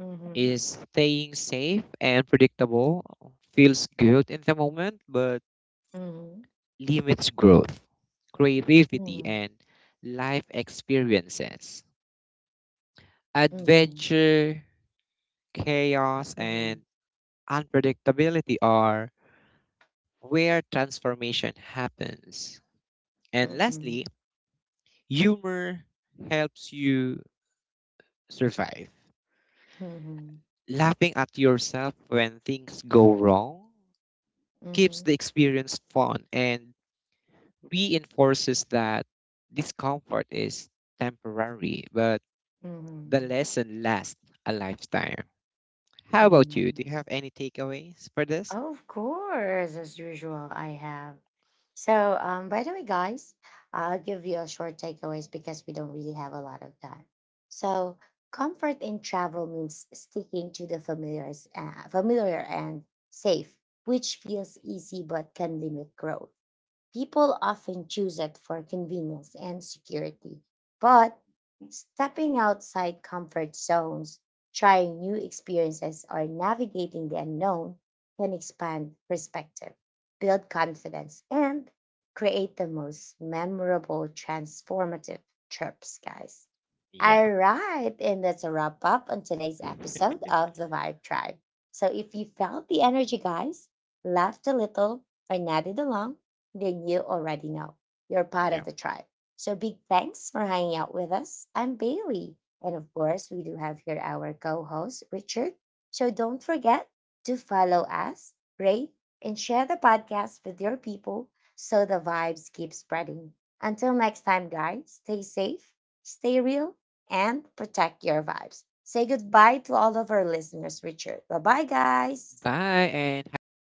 Speaker 1: Mm-hmm.
Speaker 2: Is staying safe and predictable feels good in the moment, but
Speaker 1: Mm-hmm. Mm-hmm.
Speaker 2: limits growth, creativity,
Speaker 1: Mm-hmm.
Speaker 2: and life experiences. Adventure, chaos,
Speaker 1: Mm-hmm. Mm-hmm.
Speaker 2: and unpredictability are where transformation happens. And
Speaker 1: Mm-hmm.
Speaker 2: lastly, humor helps you survive.
Speaker 1: Mm-hmm.
Speaker 2: Laughing at yourself when things go wrong keeps
Speaker 1: Mm-hmm.
Speaker 2: the experience fun and reinforces that discomfort is temporary, but the
Speaker 1: Mm-hmm.
Speaker 2: lesson lasts a lifetime. How about you?
Speaker 1: Mm-hmm.
Speaker 2: Do you have any takeaways for this?
Speaker 1: Of course, as usual, I have. So, um, by the way, guys, I'll give you a short takeaways because we don't really have a lot of time. So, comfort in travel means sticking to the familiar, uh, familiar and safe, which feels easy but can limit growth. People often choose it for convenience and security. But stepping outside comfort zones, trying new experiences, or navigating the unknown can expand perspective, build confidence, and create the most memorable, transformative trips, guys.
Speaker 2: Yeah,
Speaker 1: All right, and that's a wrap up on today's episode of The Vibe Tribe. So if you felt the energy, guys, laughed a little, or nodded along, then you already know you're part
Speaker 2: yeah.
Speaker 1: of the tribe. So big thanks for hanging out with us. I'm Bailey. And of course, we do have here our co host, Richard. So don't forget to follow us, rate, and share the podcast with your people so the vibes keep spreading. Until next time, guys, stay safe, stay real, and protect your vibes. Say goodbye to all of our listeners, Richard. Bye bye, guys.
Speaker 2: Bye and have a great